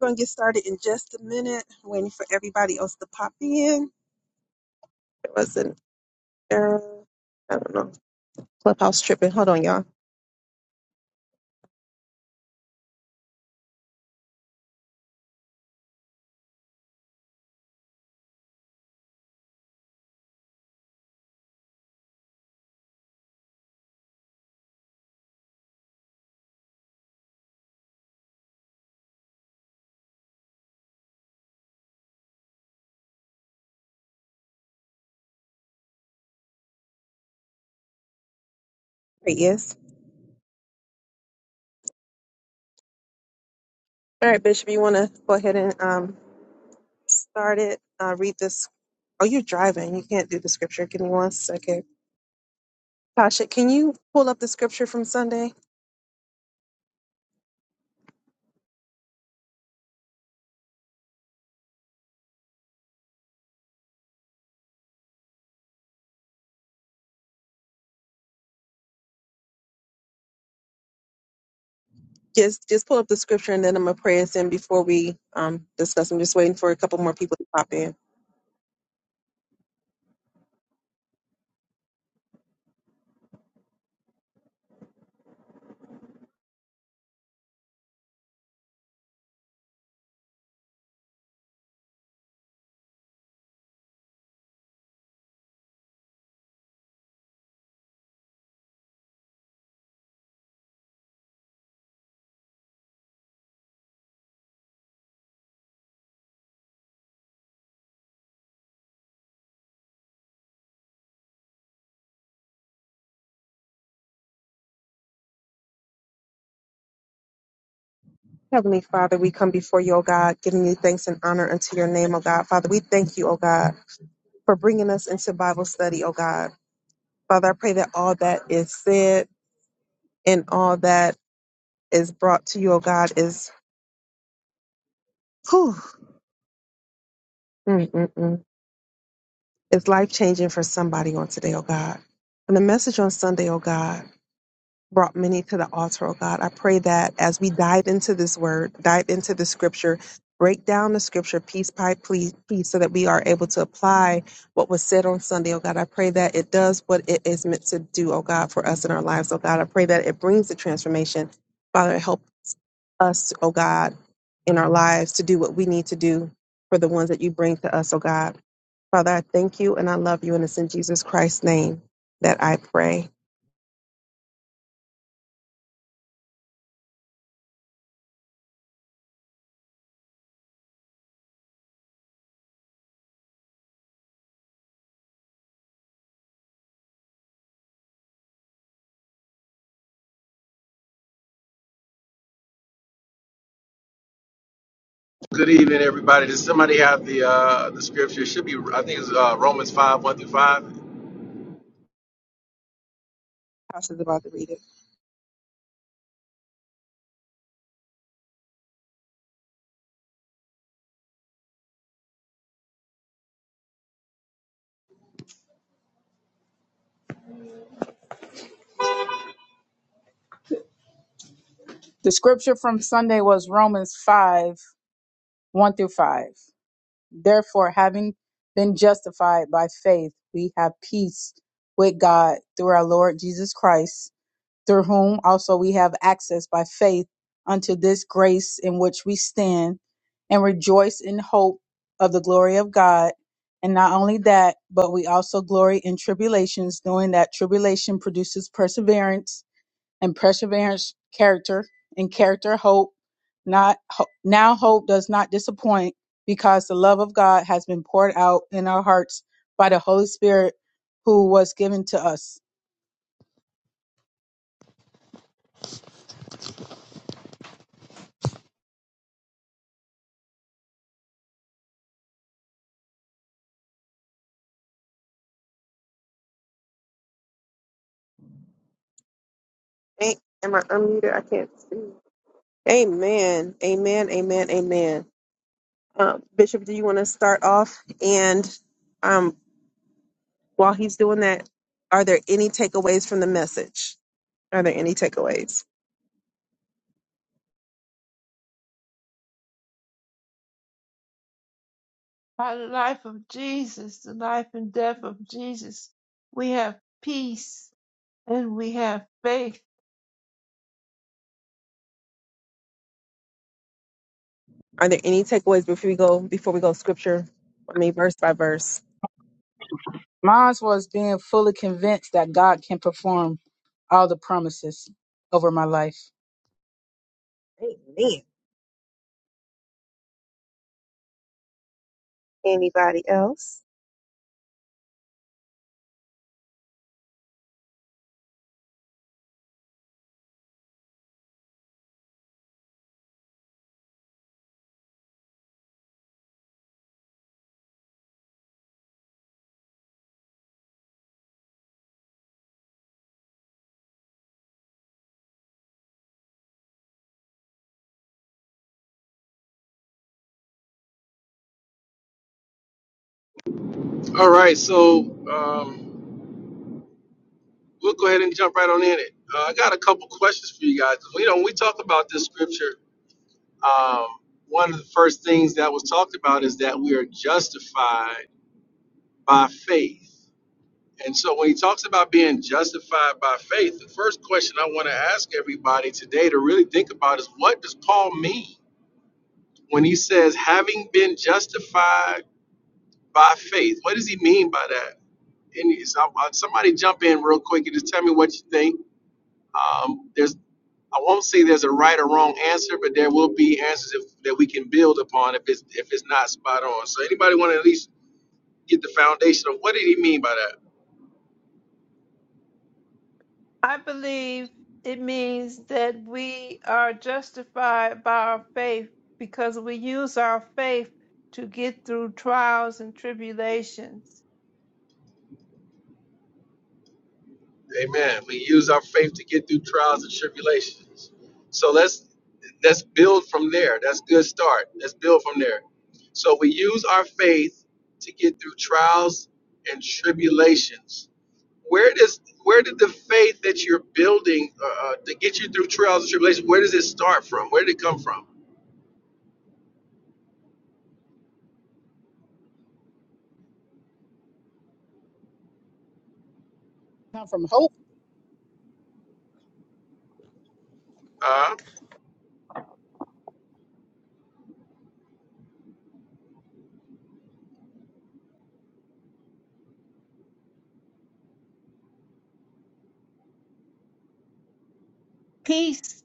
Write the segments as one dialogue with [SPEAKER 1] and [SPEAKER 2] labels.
[SPEAKER 1] We're going to get started in just a minute, waiting for everybody else to pop in. It was an error. I don't know. Clubhouse tripping. Hold on, y'all. There he is. All right, Bishop, you want to go ahead and um, start it? Uh, read this. Oh, you're driving. You can't do the scripture. Give me one second. Tasha, can you pull up the scripture from Sunday? Just just pull up the scripture and then I'm gonna pray us in before we um discuss. I'm just waiting for a couple more people to pop in. Heavenly Father, we come before you, O God, giving you thanks and honor unto your name, O God. Father, we thank you, O God, for bringing us into Bible study, O God. Father, I pray that all that is said and all that is brought to you, O God, is whew, mm, mm, mm, is life changing for somebody on today, O God. And the message on Sunday, O God. brought many to the altar, oh God. I pray that as we dive into this word, dive into the scripture, break down the scripture piece by piece, piece so that we are able to apply what was said on Sunday, oh God. I pray that it does what it is meant to do, oh God, for us in our lives, oh God. I pray that it brings the transformation. Father, help us, oh God, in our lives to do what we need to do for the ones that you bring to us, oh God. Father, I thank you and I love you, and it's in Jesus Christ's name that I pray.
[SPEAKER 2] Good evening, everybody. Does somebody have the uh, the scripture? It should be, I think it's uh, Romans 5, 1 through 5.
[SPEAKER 1] Pastor's about to read it.
[SPEAKER 3] The scripture from Sunday was Romans 5 1 through 5. Therefore, having been justified by faith, we have peace with God through our Lord Jesus Christ, through whom also we have access by faith unto this grace in which we stand and rejoice in hope of the glory of God. And not only that, but we also glory in tribulations, knowing that tribulation produces perseverance and perseverance character and character hope not ho- now hope does not disappoint because the love of god has been poured out in our hearts by the holy spirit who was given to us
[SPEAKER 1] Hey, am I unmuted? I can't see. Amen. Amen. Amen. Amen. Um, Bishop, do you want to start off? And um, while he's doing that, are there any takeaways from the message? Are there any takeaways?
[SPEAKER 4] By the life of Jesus, the life and death of Jesus, we have peace and we have faith.
[SPEAKER 1] Are there any takeaways before we go before we go scripture? I mean, verse by verse.
[SPEAKER 3] mine was being fully convinced that god can perform all the promises over my life
[SPEAKER 1] Anybody else?
[SPEAKER 2] All right, so um, we'll go ahead and jump right on in it. Uh, I got a couple questions for you guys. You know, when we talk about this scripture, um, one of the first things that was talked about is that we are justified by faith. And so when he talks about being justified by faith, the first question I want to ask everybody today to really think about is what does Paul mean? when he says, having been justified by faith. What does he mean by that? And he's- I- somebody jump in real quick and just tell me what you think. Um, there's, I won't say there's a right or wrong answer, but there will be answers if, that we can build upon if it's if it's not spot on. So anybody want to at least get the foundation of what did he mean by that?
[SPEAKER 4] I believe it means that we are justified by our faith because we use our faith to get through trials and tribulations.
[SPEAKER 2] Amen. We use our faith to get through trials and tribulations. So let's let's build from there. That's a good start. Let's build from there. So we use our faith to get through trials and tribulations. where does where did the faith that you're building uh, uh, to get you through trials and tribulations where does it start from where did it come from uh
[SPEAKER 4] Peace,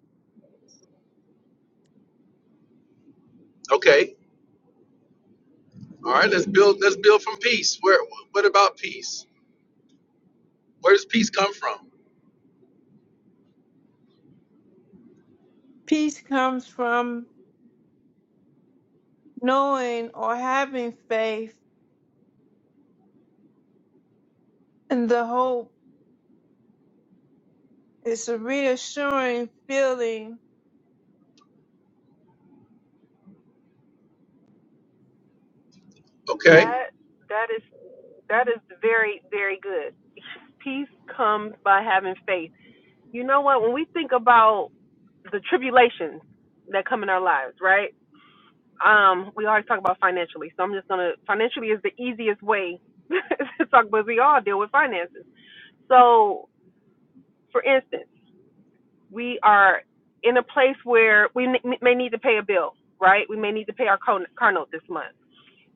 [SPEAKER 2] okay all right let's build let's build from peace where what about peace where does peace come from
[SPEAKER 4] peace comes from knowing or having faith, and the hope is a reassuring feeling
[SPEAKER 2] okay
[SPEAKER 1] That is very, very good. Peace comes by having faith. You know what? When we think about the tribulations that come in our lives, right? Um, we always talk about financially, so I'm just gonna financially is the easiest way to talk, but we all deal with finances. So, for instance, we are in a place where we n- may need to pay a bill, right? We may need to pay our car car note this month.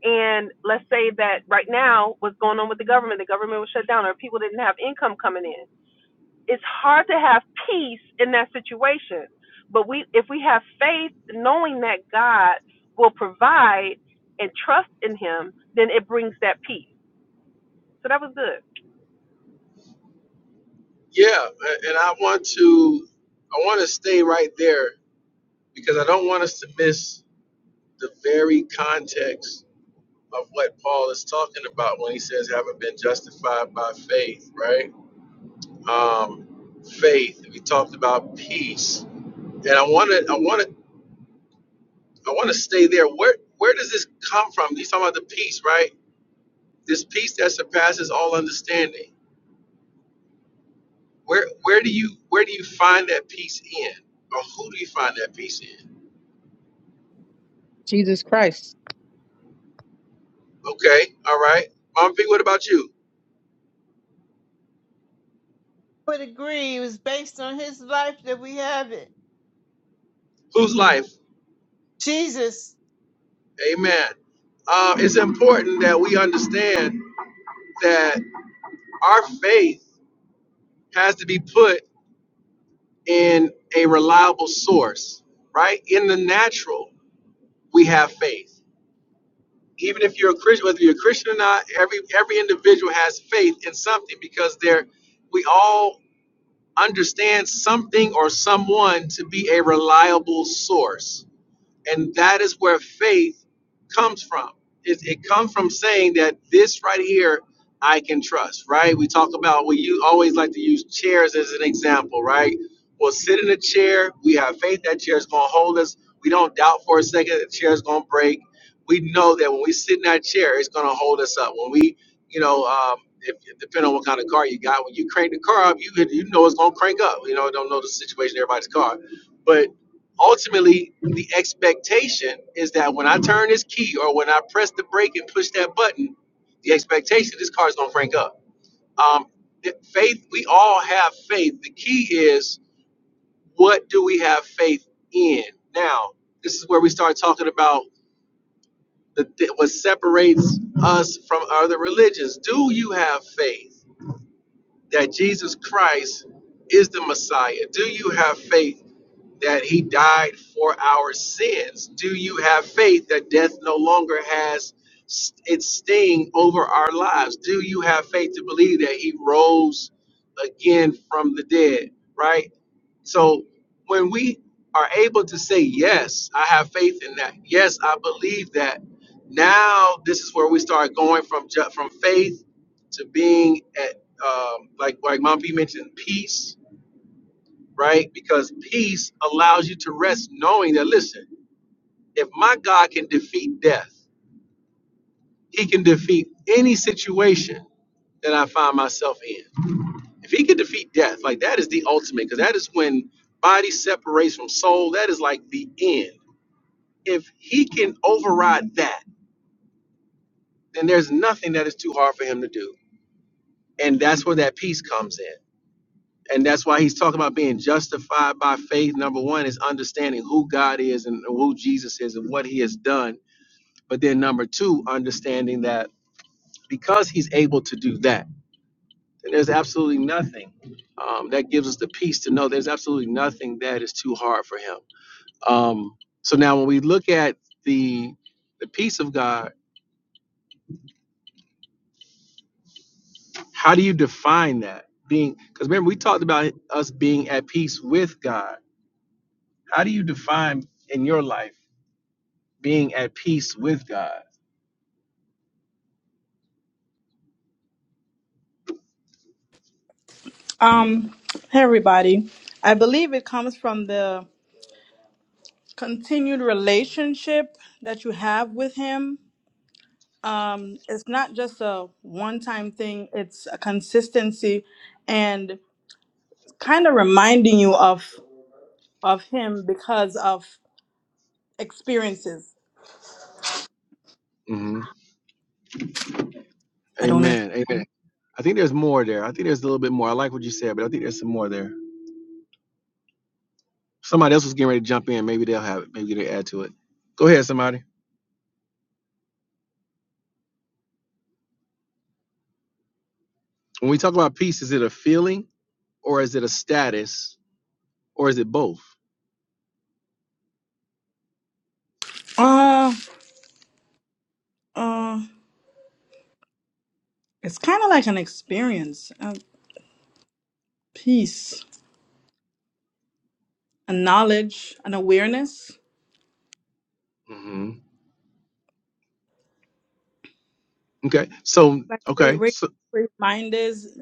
[SPEAKER 1] And let's say that right now, what's going on with the government? The government was shut down, or people didn't have income coming in it's hard to have peace in that situation. But we, if we have faith, knowing that God will provide and trust in Him, then it brings that peace. So that was good.
[SPEAKER 2] yeah a- and i want to i want to stay right there because i don't want us to miss the very context of what paul is talking about when he says haven't been justified by faith right um, faith. We talked about peace, and I want to, I want to, I want to stay there. Where, where does this come from? He's talking about the peace, right? This peace that surpasses all understanding. Where, where do you, where do you find that peace in, or who do you find that peace in?
[SPEAKER 3] jesus christ
[SPEAKER 2] Okay, all right, Mom V. What about you?
[SPEAKER 4] would agree it was based on his life that we have it.
[SPEAKER 2] Whose life?
[SPEAKER 4] Jesus,
[SPEAKER 2] Amen. Uh, it's important that we understand that our faith has to be put. and a reliable source, right? In the natural, we have faith. Even if you're a Christian, whether you're a Christian or not, every every individual has faith in something because they're we all understand something or someone to be a reliable source and that is where faith comes from it, it comes from saying that this right here i can trust right we talk about we you always like to use chairs as an example right we'll sit in a chair we have faith that chair is going to hold us we don't doubt for a second that the chair is going to break we know that when we sit in that chair it's going to hold us up when we you know um, if, depending on what kind of car you got when you crank the car up you, you know it's going to crank up you know I don't know the situation of everybody's car but ultimately the expectation is that when I turn this key or when I press the brake and push that button, the expectation this car is going to crank up. Um, faith, we all have faith. The key is what do we have faith in? Now, this is where we start talking about the, what separates us from other religions. Do you have faith? that Jesus Christ is the Messiah? Do you have faith that he died for our sins? Do you have faith that death no longer has s- its sting over our lives? Do you have faith to believe that he rose again from the dead, right? So when we are able to say, Yes, I have faith in that. Yes, I believe that. Now, this is where we start going from, ju- from faith to being um, like like Mom P mentioned, peace, right? Because peace allows you to rest knowing that listen, if my God can defeat death, He can defeat any situation that I find myself in. If He can defeat death, like that is the ultimate, because that is when body separates from soul. That is like the end. If He can override that, then there's nothing that is too hard for Him to do, and that's where that peace comes in. and that's why he's talking about being justified by faith. Number one is understanding who God is and who Jesus is and what he has done. But then number two, understanding that because he's able to do that, then there's absolutely nothing um, that gives us the peace to know there's absolutely nothing that is too hard for him. Um, so now when we look at the the peace of God, how do you define that? Being because remember we talked about us being at peace with God. How do you define in your life? being at peace with God.
[SPEAKER 5] Um, hey everybody. I believe it comes from the continued relationship that you have with him. Um, it's not just a one time thing, it's a consistency and kind of reminding you of of him because of experiences.
[SPEAKER 2] hmm
[SPEAKER 5] I don't know if
[SPEAKER 2] Amen. Amen. I think there's more there. I think there's a little bit more. I like what you said, but I think there's some more there. Somebody else was getting ready to jump in. Maybe they'll have it. Maybe they'll add to it. Go ahead, somebody. When we talk about peace, is it a feeling or is it a status or is it both?
[SPEAKER 5] uh uh it's kind of like an experience, a peace, a knowledge, an awareness.
[SPEAKER 2] hmm Okay. So,
[SPEAKER 5] Like where,
[SPEAKER 2] okay.
[SPEAKER 5] where
[SPEAKER 2] So,
[SPEAKER 5] where your mind is.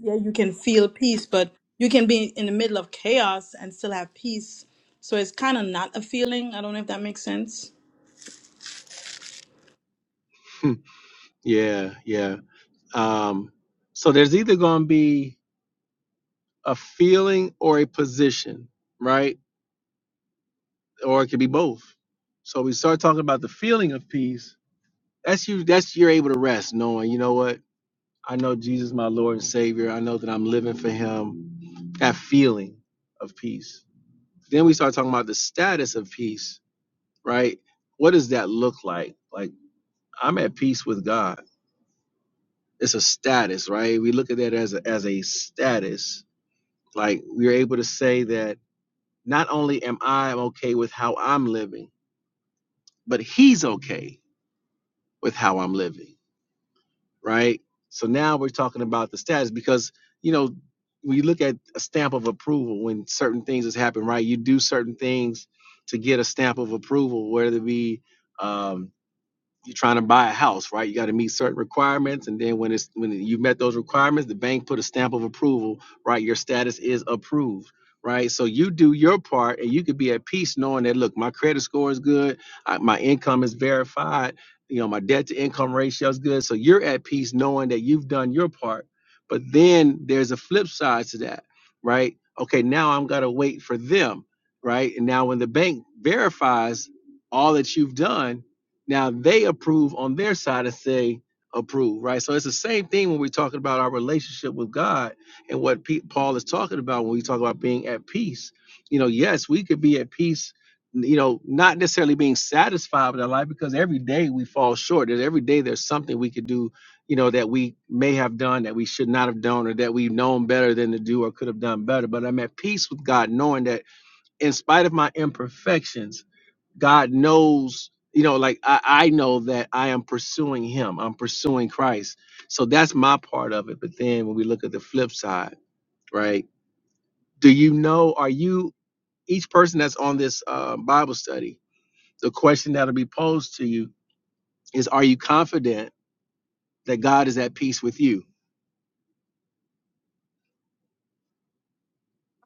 [SPEAKER 5] yeah, you can feel peace, but you can be in the middle of chaos and still have peace. So it's kind of not a feeling. I don't know if that makes sense.
[SPEAKER 2] hmm, yeah, yeah. Um, so there's either going to be a feeling or a position, right? Or it could be both. So we start talking about the feeling of peace That's you. That's you're able to rest, knowing you know what I know. Jesus, my Lord and Savior. I know that I'm living for Him. That feeling of peace. Then we start talking about the status of peace, right? What does that look like? Like I'm at peace with God. It's a status, right? We look at that as a, as a status. Like we're able to say that not only am I okay with how I'm living, but He's okay with how I'm living right? So now we're talking about the status because you know when you look at a stamp of approval when certain things has happened, right? You do certain things to get a stamp of approval, whether it be um, you're trying to buy a house, right? You got to meet certain requirements, and then when it's when you met those requirements, the bank put a stamp of approval, right? Your status is approved, right? So you do your part, and you could be at peace knowing that look, my credit score is good, I, my income is verified, you know, my debt to income ratio is good, so you're at peace knowing that you've done your part. But then there's a flip side to that, right? Okay, now I'm gotta wait for them, right? And now when the bank verifies all that you've done now they approve on their side and say approve, right? So it's the same thing when we're talking about our relationship with God and what Pe- Paul is talking about when we talk about being at peace. You know, yes, we could be at peace. You know, not necessarily being satisfied with our life because every day we fall short. There's every day there's something we could do, you know, that we may have done that we should not have done or that we've known better than to do or could have done better. But I'm at peace with God knowing that in spite of my imperfections, God knows, you know, like I, I know that I am pursuing Him, I'm pursuing Christ. So that's my part of it. But then when we look at the flip side, right? Do you know, are you, each person that's on this uh, Bible study, the question that'll be posed to you is, are you confident that God is at peace with you?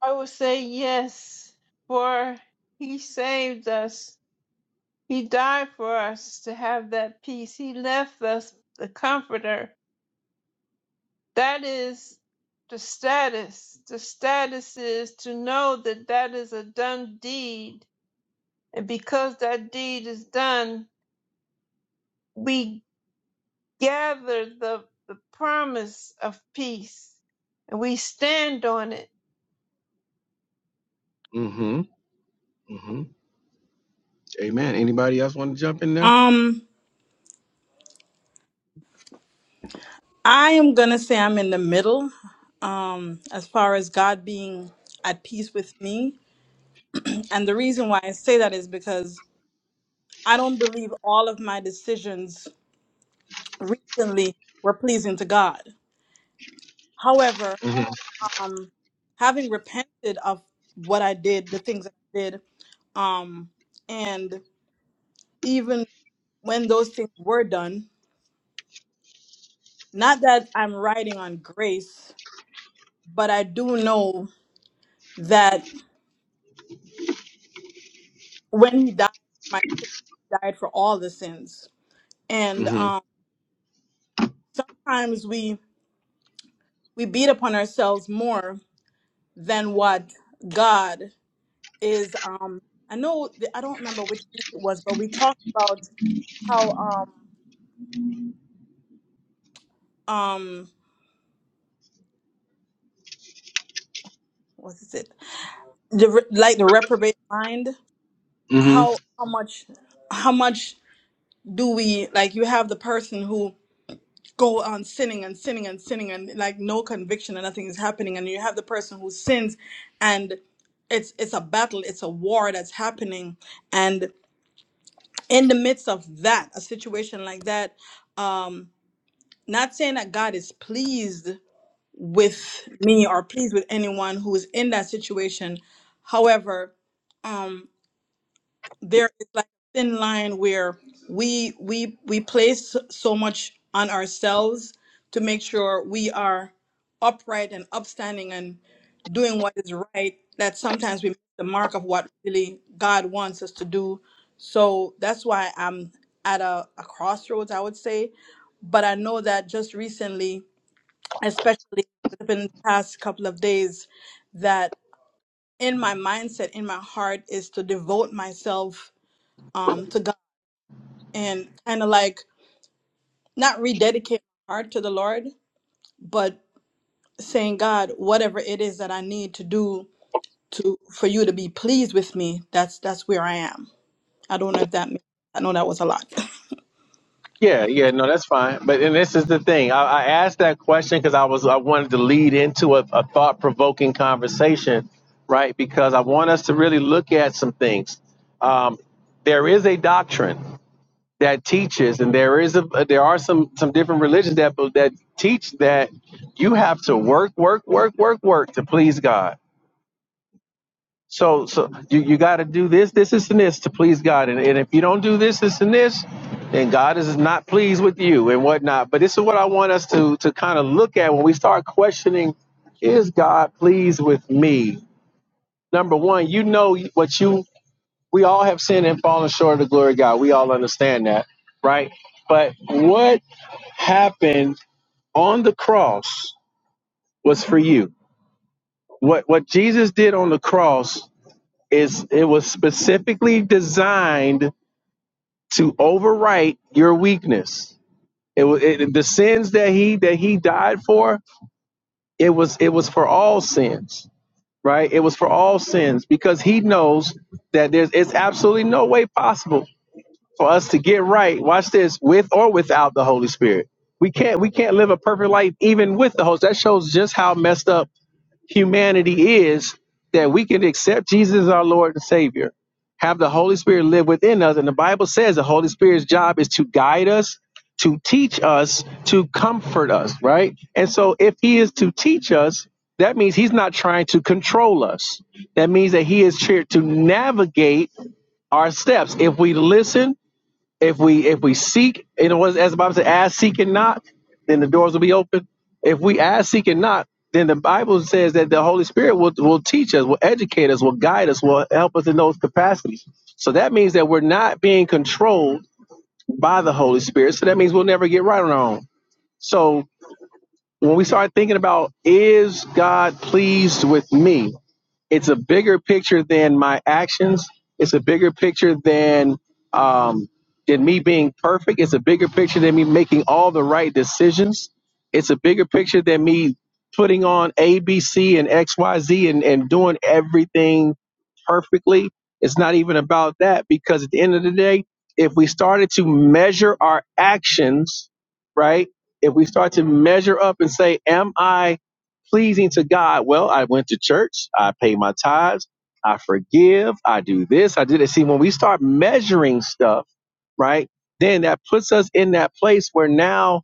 [SPEAKER 4] I would say yes, for he saved us. He died for us to have that peace. He left us the comforter. That is the status. The status is to know that that is a done deed. And because that deed is done, we gather the, the promise of peace and we stand on it
[SPEAKER 2] Mm hmm. Mm hmm. Amen. Anybody else want to jump in there?
[SPEAKER 5] Um, I am gonna say I'm in the middle. Um, as far as God being at peace with me, and the reason why I say that is because I don't believe all of my decisions recently were pleasing to God. However,
[SPEAKER 2] Mm
[SPEAKER 5] um, having repented of what I did, the things I did, um, and even when those things were done. Not that I'm riding on grace, but I do know that when he died for my sins, he died for all the sins.
[SPEAKER 2] hmm.
[SPEAKER 5] And
[SPEAKER 2] Mm
[SPEAKER 5] um, sometimes we we beat upon ourselves more than what God is. Um, I know th- I don't remember which week it was, but we talked about how um um what is it the, re- like the reprobate mind
[SPEAKER 2] hmm.
[SPEAKER 5] how how much how much do we like you have the person who go on sinning and sinning and sinning and like no conviction and nothing is happening and you have the person who sins and it's it's a battle it's a war that's happening and in the midst of that a situation like that um not saying that god is pleased with me or pleased with anyone who is in that situation however um, there is like a thin line where we we we place so much on ourselves to make sure we are upright and upstanding and doing what is right that sometimes we miss the mark of what really God wants us to do. So that's why I'm at a, a crossroads, I would say. But I know that just recently, especially within the past couple of days, that in my mindset, in my heart, is to devote myself um to God and kind of like not rededicate my heart to the Lord, but saying, God, whatever it is that I need to do to for you to be pleased with me, that's that's where I am. I don't know if that makes, I know that was a lot.
[SPEAKER 2] Yeah, yeah, no, that's fine. But and this is the thing. I, I asked that question because I was I wanted to lead into a, a thought provoking conversation, right? Because I want us to really look at some things. Um, there is a doctrine that teaches, and there is a there are some some different religions that that teach that you have to work, work, work, work, work to please God so, so you, you got to do this, this, this, and this to please God. And, and if you don't do this, this, and this, then God is not pleased with you and whatnot. But this is what I want us to, to kind of look at when we start questioning is God pleased with me? Number one, you know what you, we all have sinned and fallen short of the glory of God. We all understand that, right? But what happened on the cross was for you. What, what Jesus did on the cross It's, it was specifically designed to overwrite your weakness. It, wa- it the sins that he that he died for. It was it was for all sins, right? It was for all sins because he knows that there's it's absolutely no way possible for us to get right. Watch this with or without the Holy Spirit. We can't we can't live a perfect life even with the Holy. That shows just how messed up humanity is that we can accept Jesus as our Lord and Savior, have the Holy Spirit live within us. And the Bible says the Holy Spirit's job is to guide us, to teach us, to comfort us, right? And so if He is to teach us, that means He's not trying to control us. That means that He is here to navigate our steps. If we listen, if we if we seek, you know, as the Bible says, ask, seek, and knock, then the doors will be open. If we ask, seek, and knock, then the Bible says that the Holy Spirit will, will teach us, will educate us, will guide us, will help us in those capacities. So that means that we're not being controlled by the Holy Spirit. So that means we'll never get right on our own. So when we start thinking about is God pleased with me? it's a bigger picture than my actions. It's a bigger picture than um, than me being perfect. It's a bigger picture than me making all the right decisions. It's a bigger picture than me putting on A, B, C, and X, Y, Z, and and doing everything perfectly. It's not even about that because at the end of the day, if we started to measure our actions, right? If we start to measure up and say, "Am I?" pleasing to God. Well, I went to church, I pay my tithes, I forgive, I do this, I do that. See, when we start measuring stuff, right, then that puts us in that place where now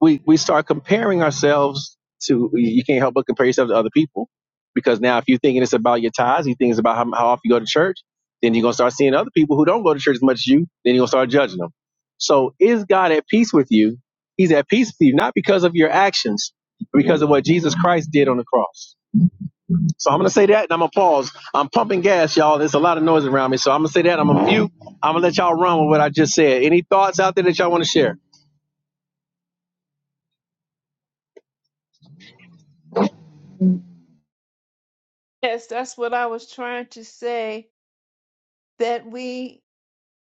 [SPEAKER 2] we we start comparing ourselves to you can't help but compare yourself to other people because now if you're thinking it's about your ties you think it's about how, how often you go to church then you're going to start seeing other people who don't go to church as much as you then you're going to start judging them so is god at peace with you he's at peace with you not because of your actions but because of what jesus christ did on the cross so i'm going to say that and i'm going to pause i'm pumping gas y'all there's a lot of noise around me so i'm going to say that i'm going to mute i'm going to let y'all run with what i just said any thoughts out there that y'all want to share
[SPEAKER 4] Yes, that's what I was trying to say, that we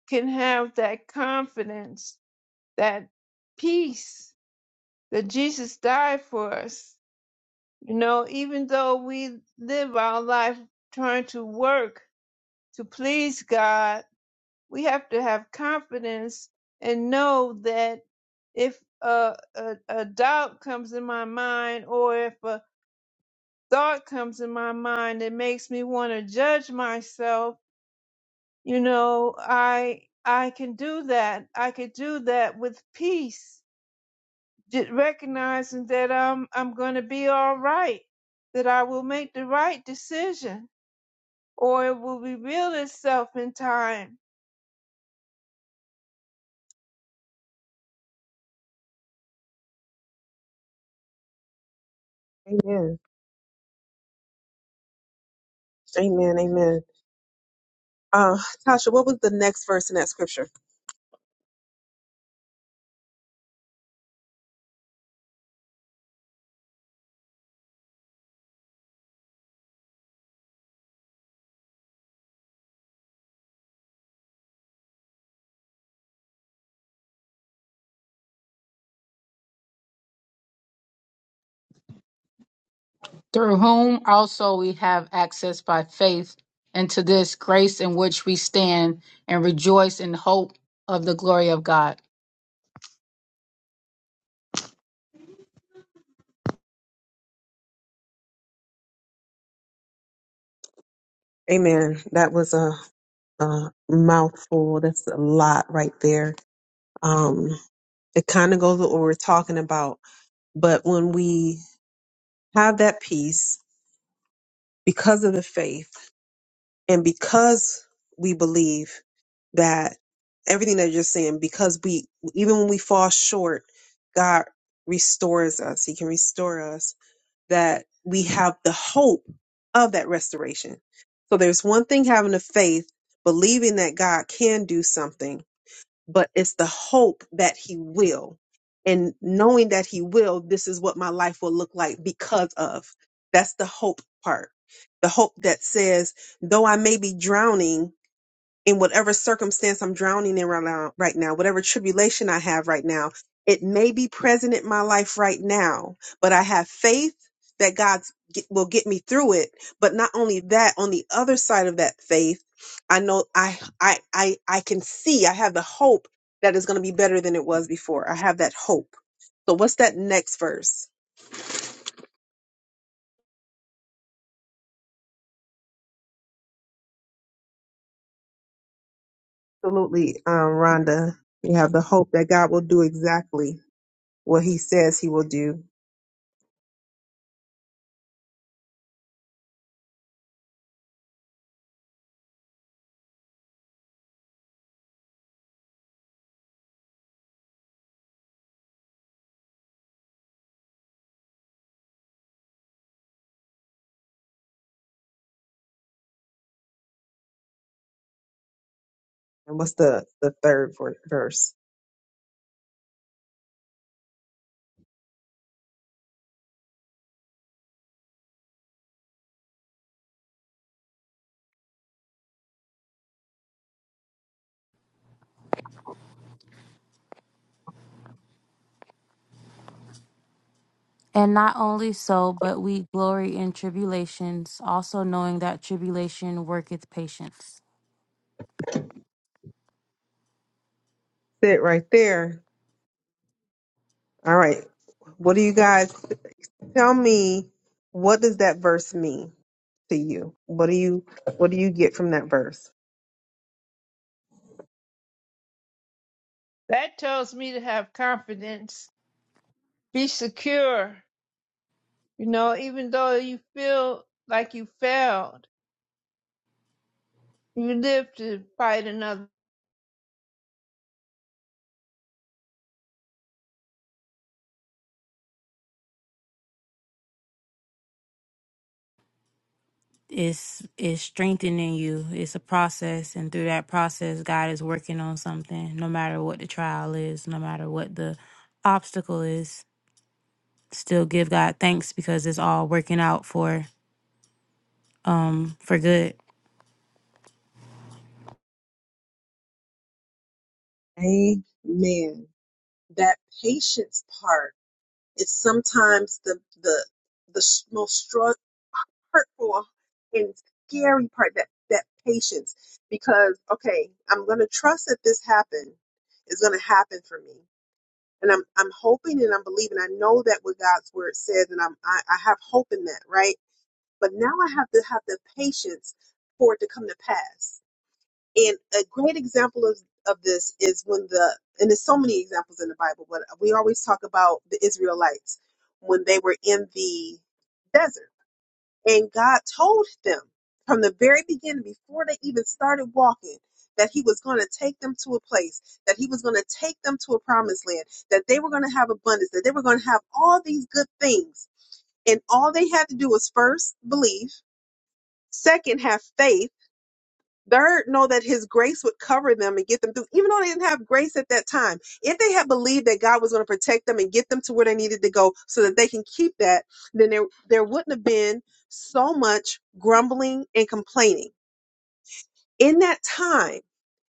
[SPEAKER 4] can have that confidence, that peace that Jesus died for us. You know, even though we live our life trying to work to please God, we have to have confidence and know that if a, a, a doubt comes in my mind or if a thought comes in my mind that makes me want to judge myself, You know, I I can do that. I could do that with peace, ju- recognizing that I'm I'm going to be all right, that I will make the right decision, or it will reveal itself in time.
[SPEAKER 1] Amen. Amen. Amen. Uh, Tasha, what was the next verse in that scripture?
[SPEAKER 3] through whom also we have access by faith into this grace in which we stand and rejoice in hope of the glory of god
[SPEAKER 1] Amen. That was a, a mouthful. That's a lot right there. Um, it kind of goes with what we're talking about. But when we have that peace because of the faith and because we believe that everything that you're saying, because we, even when we fall short, God restores us. He can restore us that we have the hope of that restoration. So there's one thing having the faith, believing that God can do something but it's the hope that he will. And knowing that he will, this is what my life will look like because of. That's the hope part. The hope that says, though I may be drowning, in whatever circumstance I'm drowning in right now, right now, whatever tribulation I have right now, it may be present in my life right now, but I have faith that God will get me through it. But not only that, on the other side of that faith, I know I I I I can see I have the hope that is going to be better than it was before. I have that hope. So what's that next verse? Absolutely, um, Rhonda. You have the hope that God will do exactly what he says he will do. And what's the, the third ver- verse?
[SPEAKER 6] And not only so, but we glory in tribulations, also knowing that tribulation worketh patience.
[SPEAKER 1] Sit right there. All right. What do you guys tell me? What does that verse mean to you? What do you what do you get from that verse?
[SPEAKER 4] That tells me to have confidence, be secure. You know, even though you feel like you failed, you live to fight another.
[SPEAKER 6] It's it's strengthening you. It's a process, and through that process, God is working on something. No matter what the trial is, no matter what the obstacle is, still give God thanks because it's all working out for um for good.
[SPEAKER 1] Amen. That patience part. It's sometimes the the the most stru- hurtful and scary part that that patience because okay i'm going to trust that this happened is going to happen for me and i'm i'm hoping and i'm believing i know that what god's word says and i'm i, I have hope in that right but now i have to have the patience for it to come to pass and a great example of, of this is when the, and there's so many examples in the Bible, but we always talk about the Israelites when they were in the desert. And God told them from the very beginning, before they even started walking, that He was going to take them to a place, that He was going to take them to a promised land, that they were going to have abundance, that they were going to have all these good things. And all they had to do was first believe, second, have faith Third, know that his grace would cover them and get them through, even though they didn't have grace at that time. If they had believed that God was going to protect them and get them to where they needed to go so that they can keep that, then there, there wouldn't have been so much grumbling and complaining. In that time,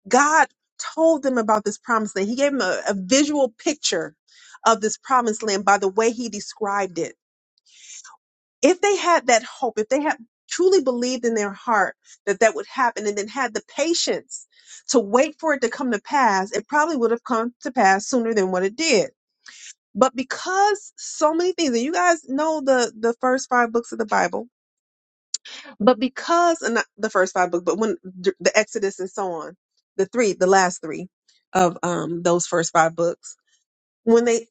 [SPEAKER 1] God told them about this promised land. He gave them a, a visual picture of this promised land by the way he described it if they had that hope, if they had truly believed in their heart that that would happen and then had the patience to wait for it to come to pass, it probably would have come to pass sooner than what it did. But because so many things, and you guys know the the first five books of the Bible, but because and not the first five books, but when d- the Exodus and so on, the three, the last three of um those first five books, when they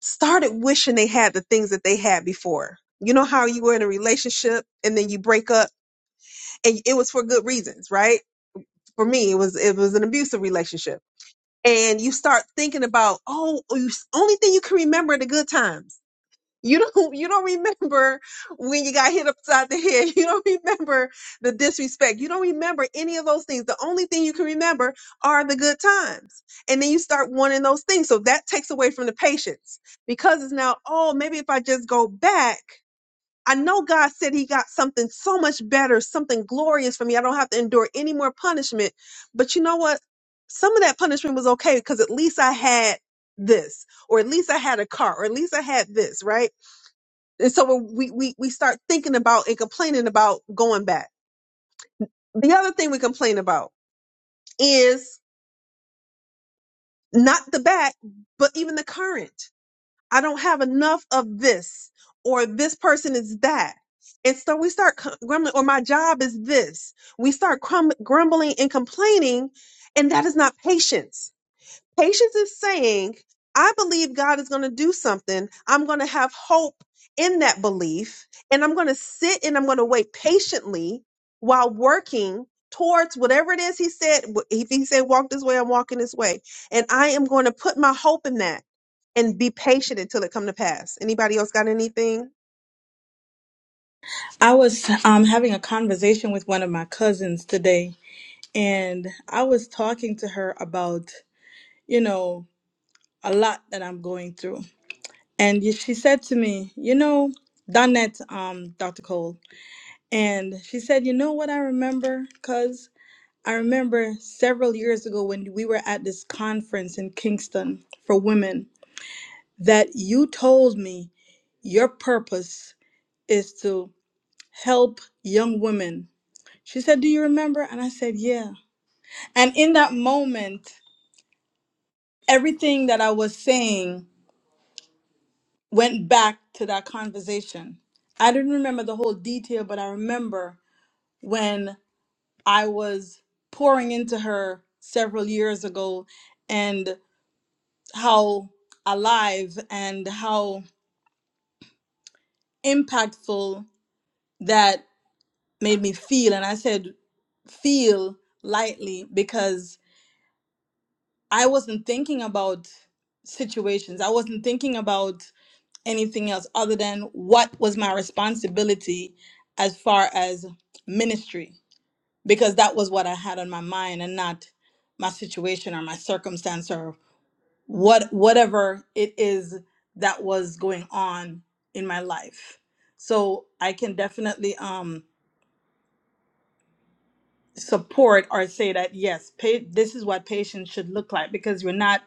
[SPEAKER 1] started wishing they had the things that they had before, you know how you were in a relationship and then you break up and it was for good reasons, right? For me, it was it was an abusive relationship, and you start thinking about oh, oh, you, only thing you can remember are the good times. You don't you don't remember when you got hit upside the head. You don't remember the disrespect. You don't remember any of those things. The only thing you can remember are the good times, and then you start wanting those things. So that takes away from the patience because it's now oh maybe if I just go back I know God said he got something so much better, something glorious for me. I don't have to endure any more punishment. But you know what? Some of that punishment was okay because at least I had this, or at least I had a car, or at least I had this, right? And so when we, we, we start thinking about and complaining about going back. The other thing we complain about is not the back, but even the current. I don't have enough of this, or this person is that. And so we start cu- grumbling, or my job is this. We start crum- grumbling and complaining, and that is not patience. Patience is saying, I believe God is going to do something. I'm going to have hope in that belief, and I'm going to sit and I'm going to wait patiently while working towards whatever it is He said. W- If He said, walk this way, I'm walking this way. And I am going to put my hope in that and be patient until it come to pass. Anybody else got anything?
[SPEAKER 5] I was um, having a conversation with one of my cousins today, and I was talking to her about you know a lot that I'm going through, and y- she said to me, you know, Donette, um, Dr. Cole, and she said, you know what I remember, cuz I remember several years ago when we were at this conference in Kingston for women that you told me your purpose is to help young women. She said, Do you remember? And I said, Yeah. And in that moment, everything that I was saying went back to that conversation. I didn't remember the whole detail, but I remember when I was pouring into her several years ago and. how alive and how impactful that made me feel. And I said, feel lightly because I wasn't thinking about situations. I wasn't thinking about anything else other than what was my responsibility as far as ministry, because that was what I had on my mind and not my situation or my circumstance or. what whatever it is that was going on in my life so i can definitely um support or say that yes pa- this is what patience should look like because you're not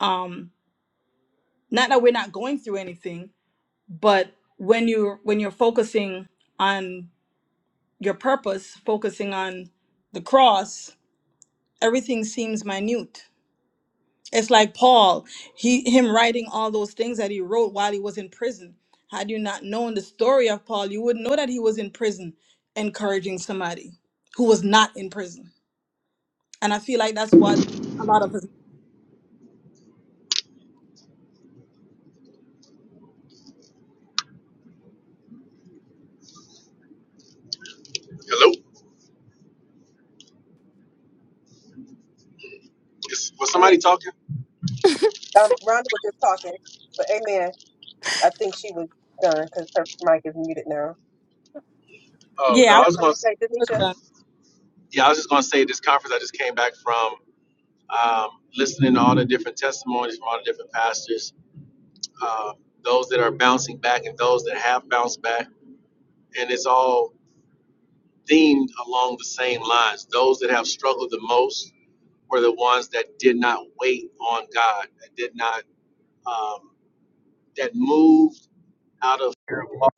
[SPEAKER 5] um not that we're not going through anything but when you when you're focusing on your purpose focusing on the cross everything seems minute It's like Paul, he him writing all those things that he wrote while he was in prison. Had you not known the story of Paul, you wouldn't know that he was in prison encouraging somebody who was not in prison. And I feel like that's what a lot of us
[SPEAKER 2] Is- was
[SPEAKER 1] Go ahead.
[SPEAKER 2] somebody
[SPEAKER 1] Ch-
[SPEAKER 2] talking?
[SPEAKER 1] Um, Rhonda was just talking, but Amen. I think she was done because her mic is muted now.
[SPEAKER 2] Oh no,
[SPEAKER 1] You
[SPEAKER 5] Yeah, I
[SPEAKER 2] I
[SPEAKER 1] got
[SPEAKER 2] was
[SPEAKER 1] something
[SPEAKER 2] going.
[SPEAKER 1] to
[SPEAKER 2] to
[SPEAKER 1] say,
[SPEAKER 5] was
[SPEAKER 1] Denisha?
[SPEAKER 5] done.
[SPEAKER 2] Yeah, I was just going to say this conference I just came back from, um, listening to all the different testimonies from all the different pastors, um, those that are bouncing back and those that have bounced back. And it's all themed along the same lines. Those that have struggled the most were the ones that did not wait on God, that did not, um, that moved out of fear of loss.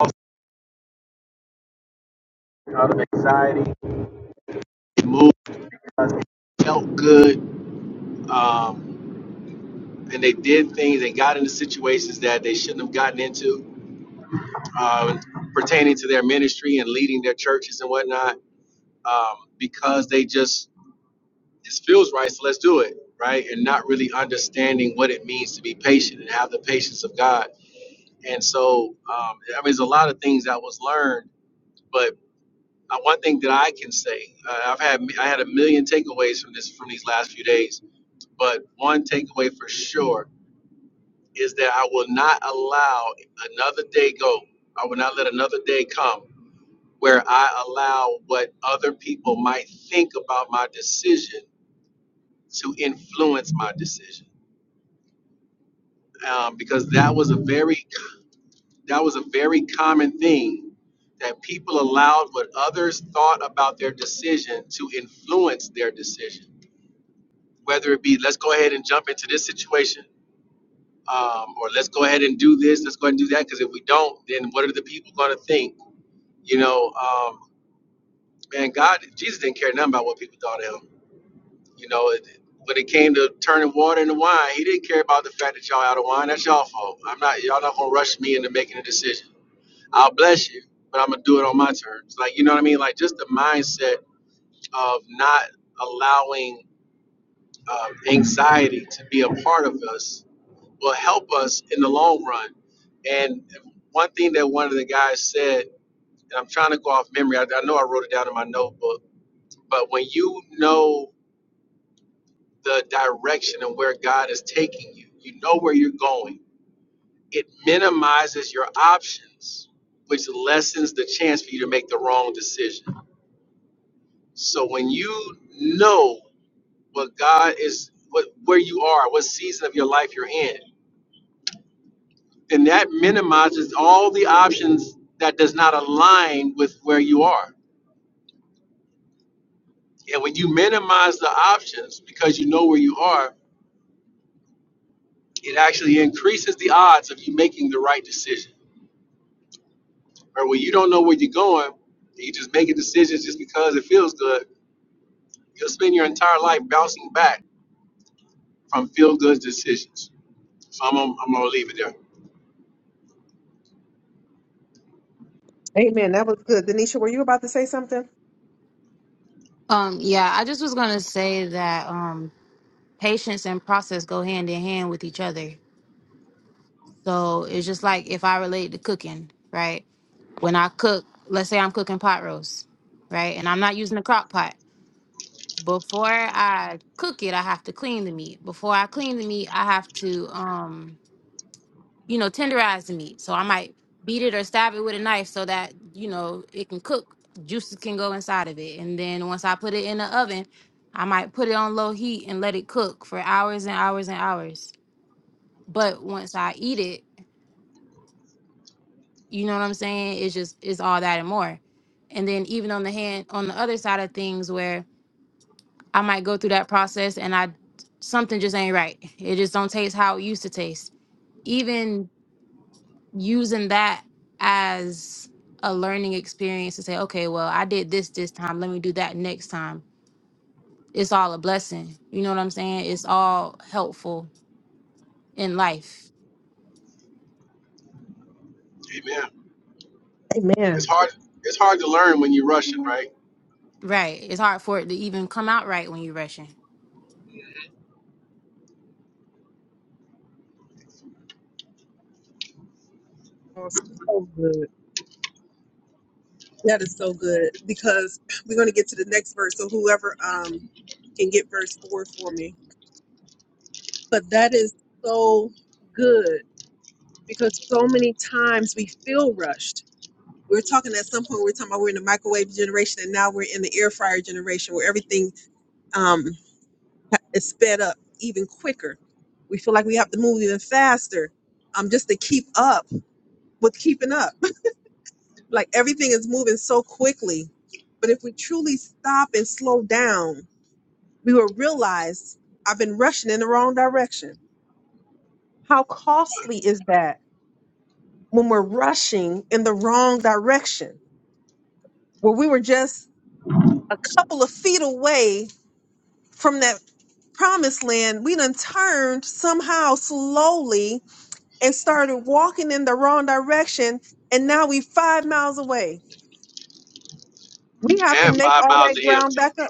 [SPEAKER 2] They moved, felt good, um, and they did things and got into situations that they shouldn't have gotten into uh, pertaining to their ministry and leading their churches and whatnot um, because they just it feels right so let's do it right and not really understanding what it means to be patient and have the patience of god and so um, i mean there's a lot of things that was learned but uh, one thing that i can say uh, i've had i had a million takeaways from this from these last few days but one takeaway for sure is that i will not allow another day go i will not let another day come where I allow what other people might think about my decision to influence my decision. Um, because that was a very that was a very common thing that people allowed what others thought about their decision to influence their decision. Whether it be let's go ahead and jump into this situation, um, or let's go ahead and do this, let's go ahead and do that. Because if we don't, then what are the people going to think? You know, um, man, God, Jesus didn't care nothing about what people thought of him You know, it, when it came to turning water into wine, he didn't care about the fact that y'all out of wine. That's y'all fault. I'm not. Y'all not gonna rush me into making a decision. I'll bless you, but I'm gonna do it on my terms. Like you know what I mean? Like just the mindset of not allowing um, anxiety to be a part of us will help us in the long run. And one thing that one of the guys said, and I'm trying to go off memory. I, I know I wrote it down in my notebook, but when you know the direction and where God is taking you. You know where you're going. It minimizes your options, which lessens the chance for you to make the wrong decision. So when you know what God is, what where you are, what season of your life you're in, then that minimizes all the options that does not align with where you are. And when you minimize the options because you know where you are, it actually increases the odds of you making the right decision. Or when you don't know where you're going, you just making decisions just because it feels good, you'll spend your entire life bouncing back from feel good decisions. So I'm, gonna- I'm gonna leave it there.
[SPEAKER 1] Amen. That was good. Denisha, were you about to say something?
[SPEAKER 6] Um yeah, I just was gonna say that um patience and process go hand in hand with each other. So it's just like if I relate to cooking, right? when I cook, let's say I'm cooking pot roast, right? And I'm not using a crock pot. Before I cook it, I have to clean the meat. Before I clean the meat, I have to um, you know, tenderize the meat. So I might beat it or stab it with a knife so that, you know, it can cook, juices can go inside of it. And then once I put it in the oven, I might put it on low heat and let it cook for hours and hours and hours. But once I eat it, You know what I'm saying? It's just it's all that and more. And then even on the hand on the other side of things where I might go through that process and I something just ain't right. It just don't taste how it used to taste. Even using that as a learning experience to say, okay, well, I did this this time. Let me do that next time. It's all a blessing. You know what I'm saying? It's all helpful in life.
[SPEAKER 2] Amen. It's
[SPEAKER 1] Man.
[SPEAKER 2] hard. It's hard to learn when you're rushing, right?
[SPEAKER 6] Right. It's hard for it to even come out right when you're rushing.
[SPEAKER 1] that was So good. That is so good because we're going to get to the next verse. So whoever um can get verse four for me, but that is so good because so many times we feel rushed. We We're talking at some point we we're talking about we're in the microwave generation and now we're in the air fryer generation where everything um is sped up even quicker. We feel like we have to move even faster um just to keep up with keeping up Like everything is moving so quickly. But if we truly stop and slow down, we will realize I've been rushing in the wrong direction. How costly is that when we're rushing in the wrong direction? Where we were just a couple of feet away from that promised land, we done turned somehow slowly and started walking in the wrong direction. And now we five miles away. We have to
[SPEAKER 2] And
[SPEAKER 1] make
[SPEAKER 2] five
[SPEAKER 1] all
[SPEAKER 2] miles
[SPEAKER 1] that
[SPEAKER 2] to
[SPEAKER 1] ground
[SPEAKER 2] empty.
[SPEAKER 1] back up.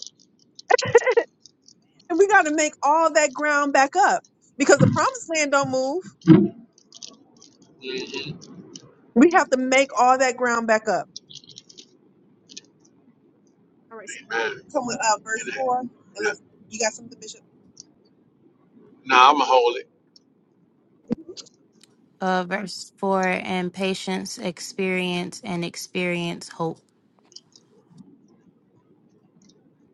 [SPEAKER 1] And we got to make all that ground back up because the promised land don't move.
[SPEAKER 2] Mhm.
[SPEAKER 1] We have to make all that ground back up. All right. So,
[SPEAKER 2] Amen.
[SPEAKER 1] so uh, verse
[SPEAKER 2] And then,
[SPEAKER 1] four, and
[SPEAKER 2] uh,
[SPEAKER 1] let's- you got something, Bishop?
[SPEAKER 2] nah, I'm gonna hold it.
[SPEAKER 6] uh, verse 4 and patience experience and experience hope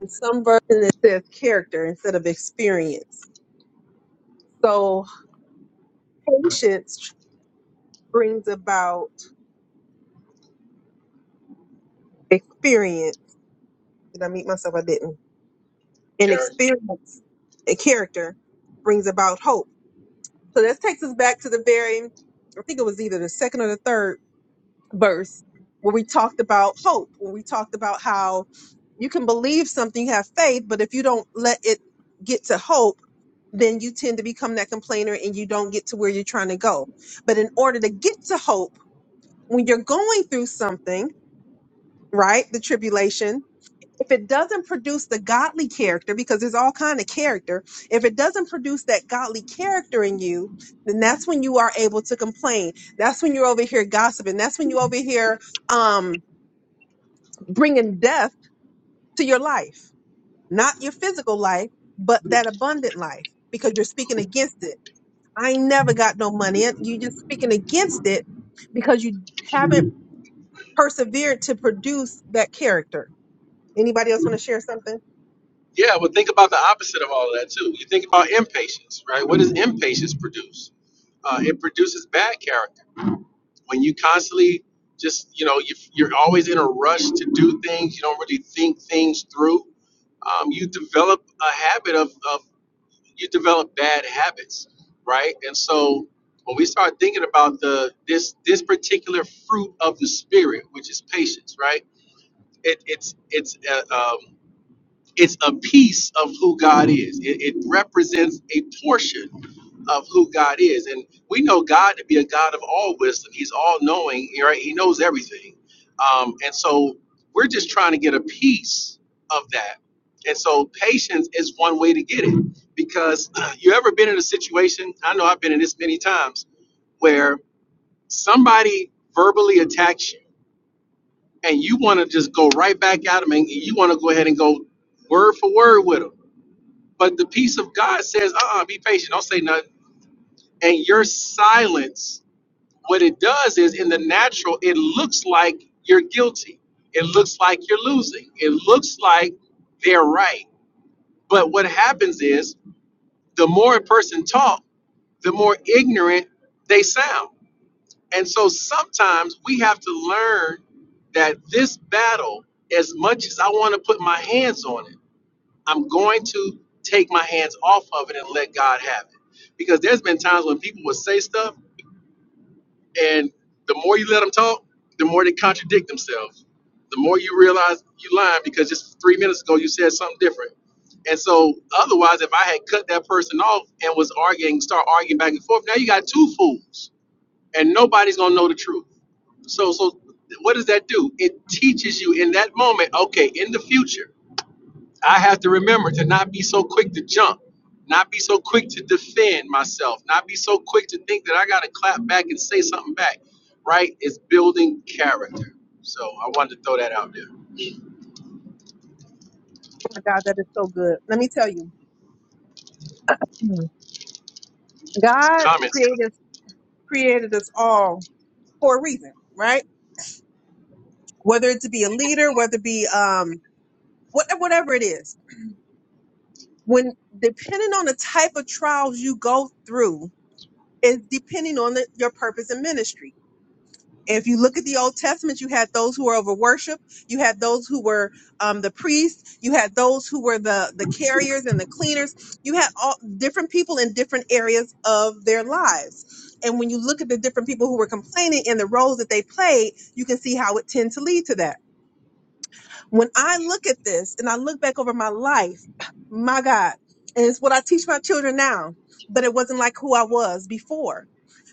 [SPEAKER 1] In some version, it says character instead of experience. So patience brings about experience. Did I meet myself? I didn't. And
[SPEAKER 2] Character.
[SPEAKER 1] experience, a character, brings about hope. So that takes us back to the very, I think it was either the second or the third verse where we talked about hope, where we talked about how you can believe something, have faith, but if you don't let it get to hope, then you tend to become that complainer and you don't get to where you're trying to go. But in order to get to hope, when you're going through something, right, the tribulation, if it doesn't produce the godly character, because there's all kind of character, if it doesn't produce that godly character in you, then that's when you are able to complain. That's when you're over here gossiping. That's when you over here um bringing death to your life, not your physical life, but that abundant life because you're speaking against it. I ain't never got no money. And you just speaking against it because you haven't persevered to produce that character. Anybody else want to share something?
[SPEAKER 2] Yeah, but think about the opposite of all of that too. You think about impatience, right? What does impatience produce? Uh, it produces bad character when you constantly just you know you, you're always in a rush to do things you don't really think things through um, you develop a habit of, of you develop bad habits right and so when we start thinking about the this this particular fruit of the spirit which is patience right it, it's it's uh, um, it's a piece of who God is. It, it represents a portion of who God is. And we know God to be a God of all wisdom. He's all knowing, right? He knows everything. Um, and so we're just trying to get a piece of that. And so patience is one way to get it because you ever been in a situation, I know I've been in this many times, where somebody verbally attacks you and you want to just go right back at them and you want to go ahead and go word for word with them but the peace of God says, uh uh be patient, don't say nothing. And your silence, what it does is in the natural, it looks like you're guilty. It looks like you're losing. It looks like they're right. But what happens is the more a person talks, the more ignorant they sound. And so sometimes we have to learn that this battle, as much as I want to put my hands on it, I'm going to take my hands off of it and let God have it. Because there's been times when people will say stuff, and the more you let them talk, the more they contradict themselves. The more you realize you lying because just three minutes ago you said something different. And so, otherwise, if I had cut that person off and was arguing, start arguing back and forth, now you got two fools, and nobody's gonna know the truth. So, so what does that do? It teaches you in that moment. Okay, in the future. I have to remember to not be so quick to jump, not be so quick to defend myself, not be so quick to think that I got to clap back and say something back, right? It's building character. So I wanted to throw that out there.
[SPEAKER 1] Oh my God, that is so good. Let me tell you, Mhm.
[SPEAKER 2] Some
[SPEAKER 1] God
[SPEAKER 2] comments.
[SPEAKER 1] created created us all for a reason, right? Whether it to be a leader, whether it be um what, whatever it is, when depending on the type of trials you go through is depending on the, your purpose in ministry. If you look at the Old Testament, you had those who were over worship, you had those who were um, the priests, you had those who were the the carriers and the cleaners. You had all different people in different areas of their lives. And when you look at the different people who were complaining and the roles that they played, you can see how it tend to lead to that. When I look at this and I look back over my life, my God, and it's what I teach my children now, but it wasn't like who I was before.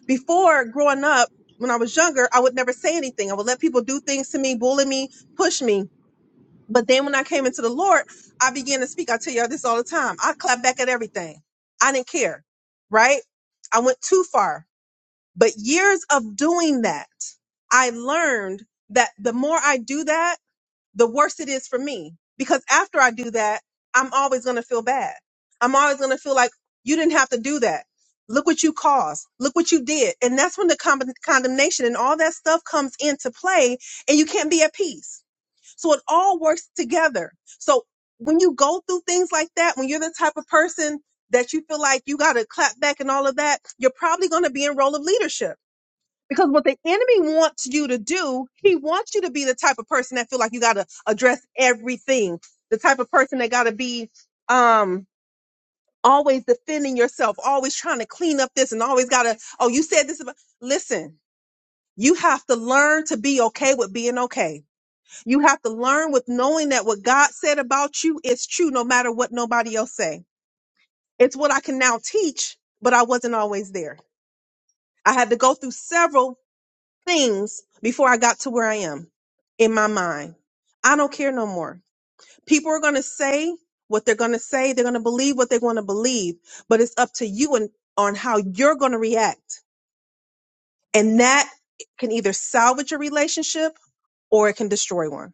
[SPEAKER 1] Before growing up, when I was younger, I would never say anything. I would let people do things to me, bully me, push me. But then when I came into the Lord, I began to speak. I tell y'all this all the time. I clap back at everything. I didn't care, right? I went too far. But years of doing that, I learned that the more I do that, the worse it is for me. Because after I do that, I'm always going to feel bad. I'm always going to feel like you didn't have to do that. Look what you caused. Look what you did. And that's when the con- condemnation and all that stuff comes into play and you can't be at peace. So it all works together. So when you go through things like that, when you're the type of person that you feel like you got to clap back and all of that, you're probably going to be in role of leadership because what the enemy wants you to do, he wants you to be the type of person that feel like you got to address everything. The type of person that got to be um always defending yourself, always trying to clean up this and always got to oh you said this about listen, you have to learn to be okay with being okay. You have to learn with knowing that what God said about you is true no matter what nobody else say. It's what I can now teach, but I wasn't always there. I had to go through several things before I got to where I am in my mind. I don't care no more. People are going to say what they're going to say. They're going to believe what they want to believe, but it's up to you and on how you're going to react. And that can either salvage a relationship or it can destroy one.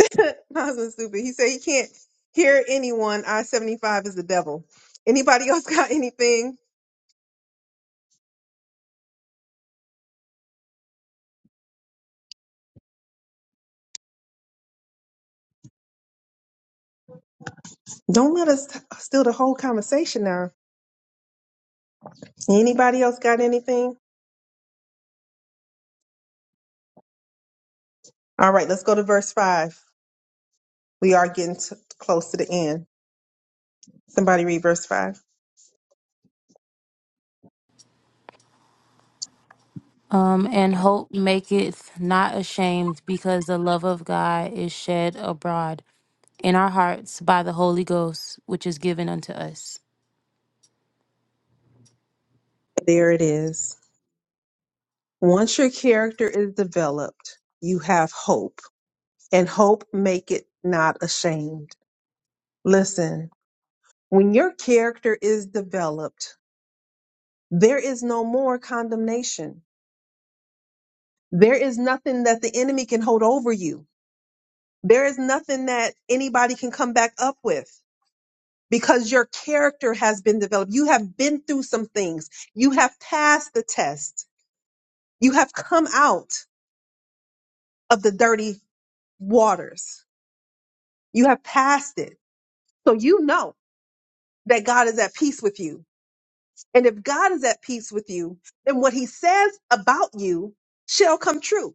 [SPEAKER 1] My husband's stupid. He said he can't hear anyone. I 75 is the devil. Anybody else got anything? Don't let us steal the whole conversation now. Anybody else got anything? All right, let's go to verse 5. We are getting t- close to the end. Somebody read verse 5.
[SPEAKER 6] um and hope maketh not ashamed because the love of god is shed abroad in our hearts by the holy ghost which is given unto us
[SPEAKER 1] There it is. Once your character is developed, you have hope, and hope make it not ashamed. Listen, when your character is developed, There is no more condemnation. There is nothing that the enemy can hold over you. There is nothing that anybody can come back up with because your character has been developed. You have been through some things. You have passed the test. You have come out of the dirty waters. You have passed it. So you know that God is at peace with you. And if God is at peace with you, then what he says about you shall come true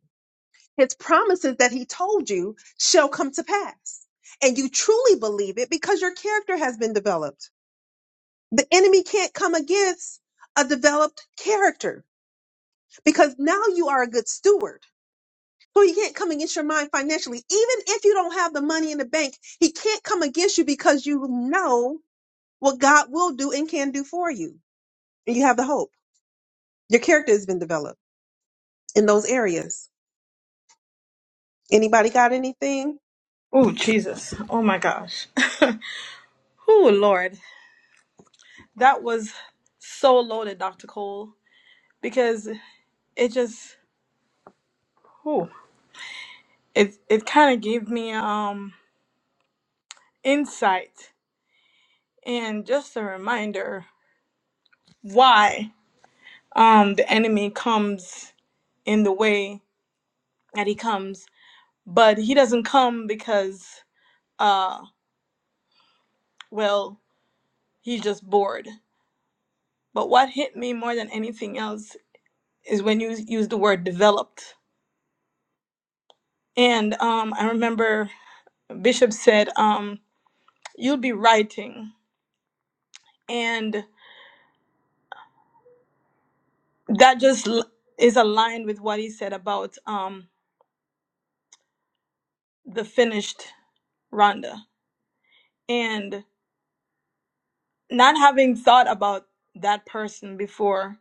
[SPEAKER 1] his promises that he told you shall come to pass. And you truly believe it because your character has been developed. The enemy can't come against a developed character because now you are a good steward. So he can't come against your mind financially. Even if you don't have the money in the bank, he can't come against you because you know what God will do and can do for you. And you have the hope. Your character has been developed in those areas. Anybody got anything?
[SPEAKER 5] Oh Jesus. Oh my gosh. oh Lord. That was so loaded, Dr. Cole, because it just oh it it kind of gave me um insight and just a reminder why. um the enemy comes in the way that he comes but he doesn't come because uh well he's just bored but what hit me more than anything else is when you use the word developed and um i remember bishop said um you'll be writing and that just l- is aligned with what he said about um the finished rhonda and not having thought about that person before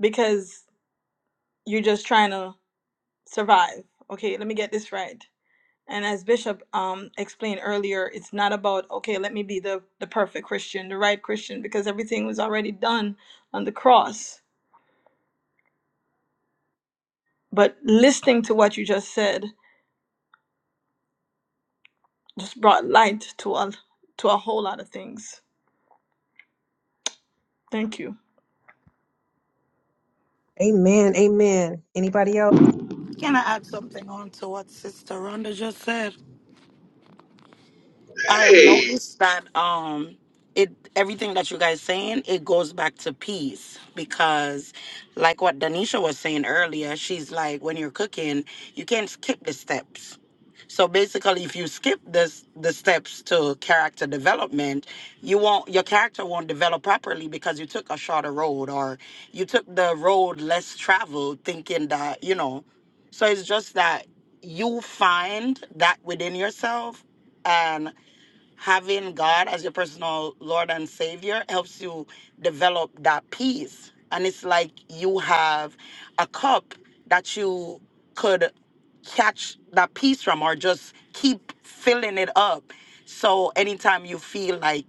[SPEAKER 5] because you're just trying to survive. Okay, let me get this right. And as Bishop um, explained earlier, it's not about, okay, let me be the, the perfect Christian, the right Christian, because everything was already done on the cross. But listening to what you just said just brought light to a, to a whole lot of things. Thank you.
[SPEAKER 1] Amen. Amen. Anybody else?
[SPEAKER 7] Can I add something on to what Sister Rhonda just said? I
[SPEAKER 2] Hey,
[SPEAKER 7] noticed that um it everything that you guys saying it goes back to peace because like what Danisha was saying earlier she's like when you're cooking you can't skip the steps so basically if you skip this the steps to character development you won't your character won't develop properly because you took a shorter road or you took the road less traveled thinking that you know so it's just that you find that within yourself and having God as your personal Lord and Savior helps you develop that peace. And it's like you have a cup that you could catch that peace from or just keep filling it up. So anytime you feel like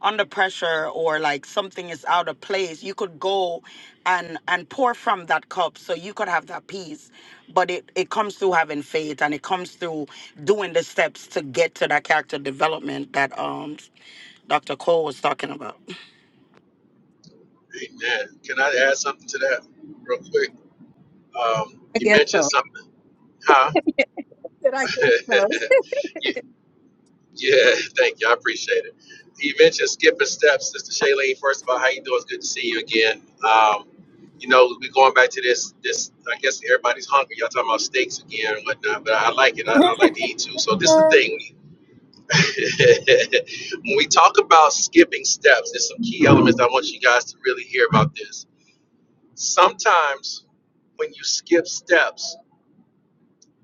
[SPEAKER 7] under pressure or like something is out of place you could go and and pour from that cup so you could have that peace but it it comes through having faith and it comes through doing the steps to get to that character development that um dr cole was talking about
[SPEAKER 2] hey man, Can I add something to that real quick? Um, you mentioned something, huh? you, Yeah, thank you. I appreciate it. You mentioned skipping steps, Sister Shailene. First of all, how you doing? It's good to see you again. Um, you know, we going back to this. This, I guess, everybody's hungry. Y'all talking about steaks again and whatnot, but I like it. I, I like to eat too. So this is the thing. when we talk about skipping steps, there's some key elements I want you guys to really hear about this. Sometimes when you skip steps,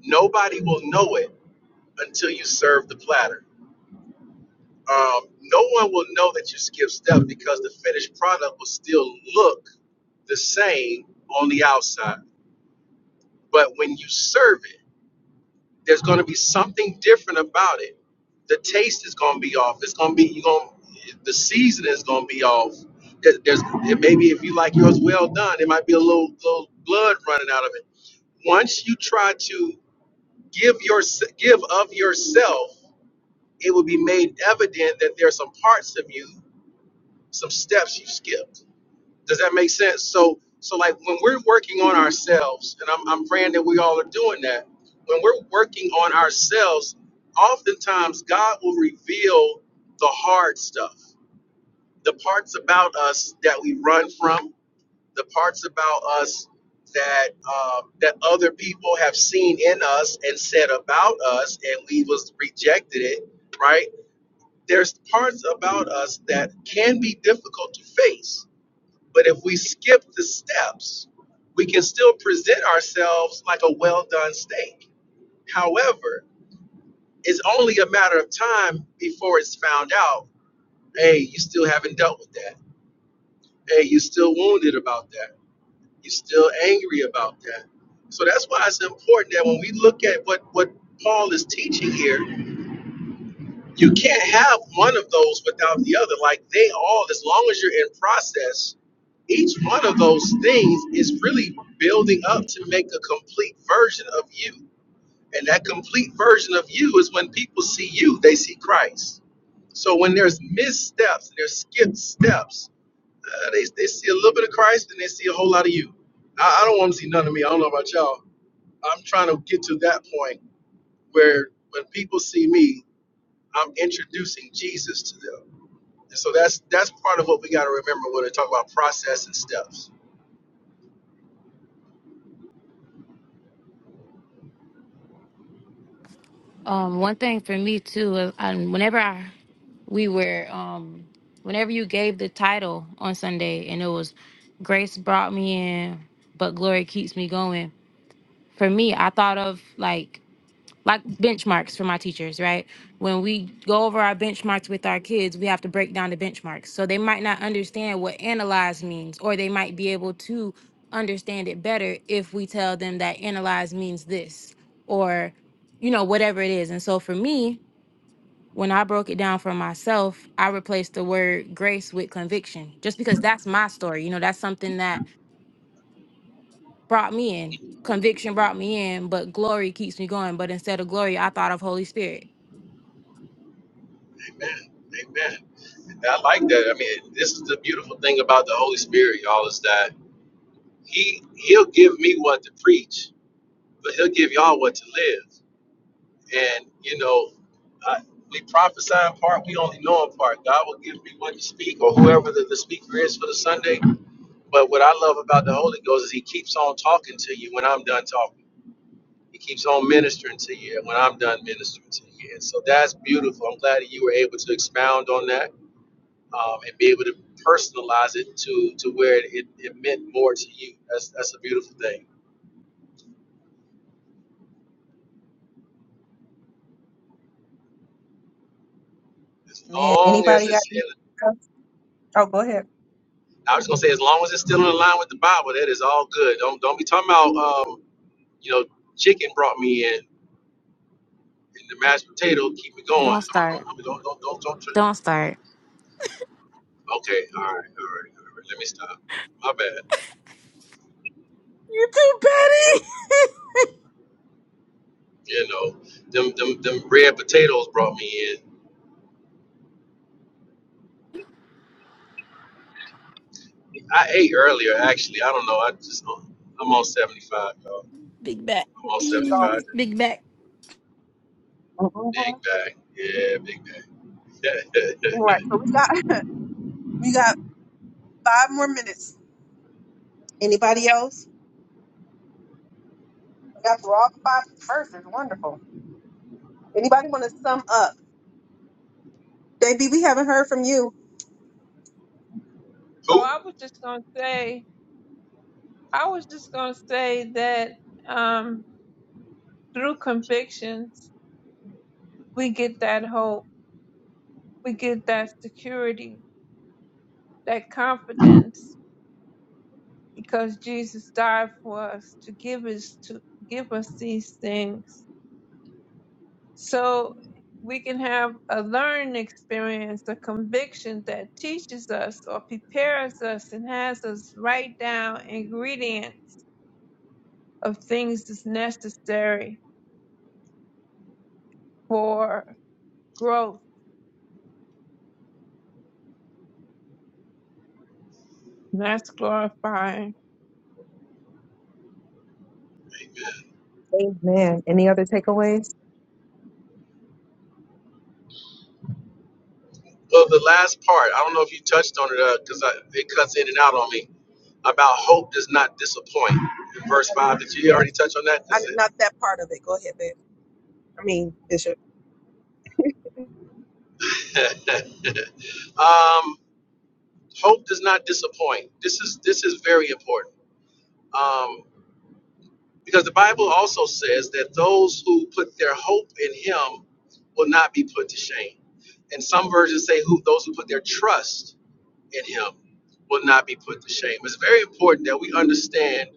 [SPEAKER 2] nobody will know it until you serve the platter. Um, no one will know that you skipped steps because the finished product will still look the same on the outside. But when you serve it, there's going to be something different about it. The taste is going to be off. It's going to be you going the season is going to be off. There- There's maybe if you like yours well done, it might be a little little blood running out of it once you try to give your give of yourself, it will be made evident that there are some parts of you. some steps you skipped. Does that make sense? So, so like when we're working on ourselves, and I'm, I'm praying that we all are doing that. When we're working on ourselves, oftentimes God will reveal the hard stuff, the parts about us that we run from, the parts about us that um, that other people have seen in us and said about us, and we was rejected it. Right? There's parts about us that can be difficult to face but if we skip the steps, we can still present ourselves like a well done steak. However, it's only a matter of time before it's found out hey, you still haven't dealt with that. Hey, you still wounded about that. You're still angry about that. So that's why it's important that when we look at what, what Paul is teaching here, You can't have one of those without the other. Like they all, as long as you're in process, each one of those things is really building up to make a complete version of you. And that complete version of you is when people see you, they see Christ. So when there's missteps, there's skipped steps, uh, they, they see a little bit of Christ and they see a whole lot of you. I, I don't want to see none of me. I don't know about y'all. I'm trying to get to that point where when people see me, I'm introducing Jesus to them. So that's that's part of what we got to remember when we talk about process and steps.
[SPEAKER 6] um one thing for me too uh, um, whenever i we were um whenever you gave the title on sunday and it was grace brought me in but glory keeps me going for me i thought of like like benchmarks for my teachers, right? When we go over our benchmarks with our kids, we have to break down the benchmarks. So they might not understand what analyze means, or they might be able to understand it better if we tell them that analyze means this, or, you know, whatever it is. And so for me, when I broke it down for myself, I replaced the word grace with conviction, just because that's my story. You know, that's something that brought me in. Conviction brought me in, but glory keeps me going. But instead of glory, I thought of Holy Spirit
[SPEAKER 2] Amen. And I like that. I mean, this is the beautiful thing about the Holy Spirit, y'all, is that He He'll give me what to preach, but He'll give y'all what to live. And you know, I, we prophesy in part, we only know in part. God will give me what to speak, or whoever the, the speaker is for the Sunday. But what I love about the Holy Ghost is He keeps on talking to you when I'm done talking. He keeps on ministering to you when I'm done ministering to you. And so that's beautiful. I'm glad that you were able to expound on that um, and be able to personalize it to, to where it, it, meant more to you. That's, that's a beautiful thing. As
[SPEAKER 1] Man,
[SPEAKER 2] long as
[SPEAKER 1] anybody got?
[SPEAKER 2] it's
[SPEAKER 1] anything
[SPEAKER 2] in,
[SPEAKER 1] else? Oh, go ahead.
[SPEAKER 2] I was gonna say, as long as it's still in line with the Bible, that is all good. Don't don't be talking about, um, you know, chicken brought me in and the mashed potato. Keep me
[SPEAKER 6] Don't
[SPEAKER 2] going.
[SPEAKER 6] start.
[SPEAKER 2] Don't don't don't don't. don't try-
[SPEAKER 6] Don't start.
[SPEAKER 2] okay, all right, all right, all right. Let me stop. My bad.
[SPEAKER 5] You too, Patty.
[SPEAKER 2] You know, them them them red potatoes brought me in. I ate earlier actually. I don't know. I just uh, I'm on 75, y'all.
[SPEAKER 6] Big back.
[SPEAKER 2] I'm on
[SPEAKER 1] Tanisha,
[SPEAKER 2] 75.
[SPEAKER 1] always.
[SPEAKER 6] Big back.
[SPEAKER 2] Big bag. Yeah, big bag.
[SPEAKER 1] All Right. So we got we got five more minutes. Anybody else? We got through all five verses. Wonderful. Anybody want to sum up? Baby, we haven't heard from you.
[SPEAKER 4] Oh,
[SPEAKER 2] Who?
[SPEAKER 4] I was just gonna say, I was just gonna say that. Um, through convictions, we get that hope, we get that security, that confidence, because Jesus died for us to give us to give us these things. So we can have a learned experience, a conviction that teaches us or prepares us and has us write down ingredients of things that's necessary for growth. And that's glorifying. Thank
[SPEAKER 1] Amen. Any other takeaways?
[SPEAKER 2] Well, the last part. I don't know if you touched on it because I it cuts in and out on me about hope does not disappoint.
[SPEAKER 1] No.
[SPEAKER 2] Verse five. Did you
[SPEAKER 1] Yes.
[SPEAKER 2] already touch on that?
[SPEAKER 1] I,
[SPEAKER 2] That's it.
[SPEAKER 1] not that part of it. Go ahead, babe. I mean, Bishop.
[SPEAKER 2] um, hope does not disappoint. This is this is very important. Um, Because the Bible also says that those who put their hope in him will not be put to shame. And some versions say who those who put their trust in him will not be put to shame. It's very important that we understand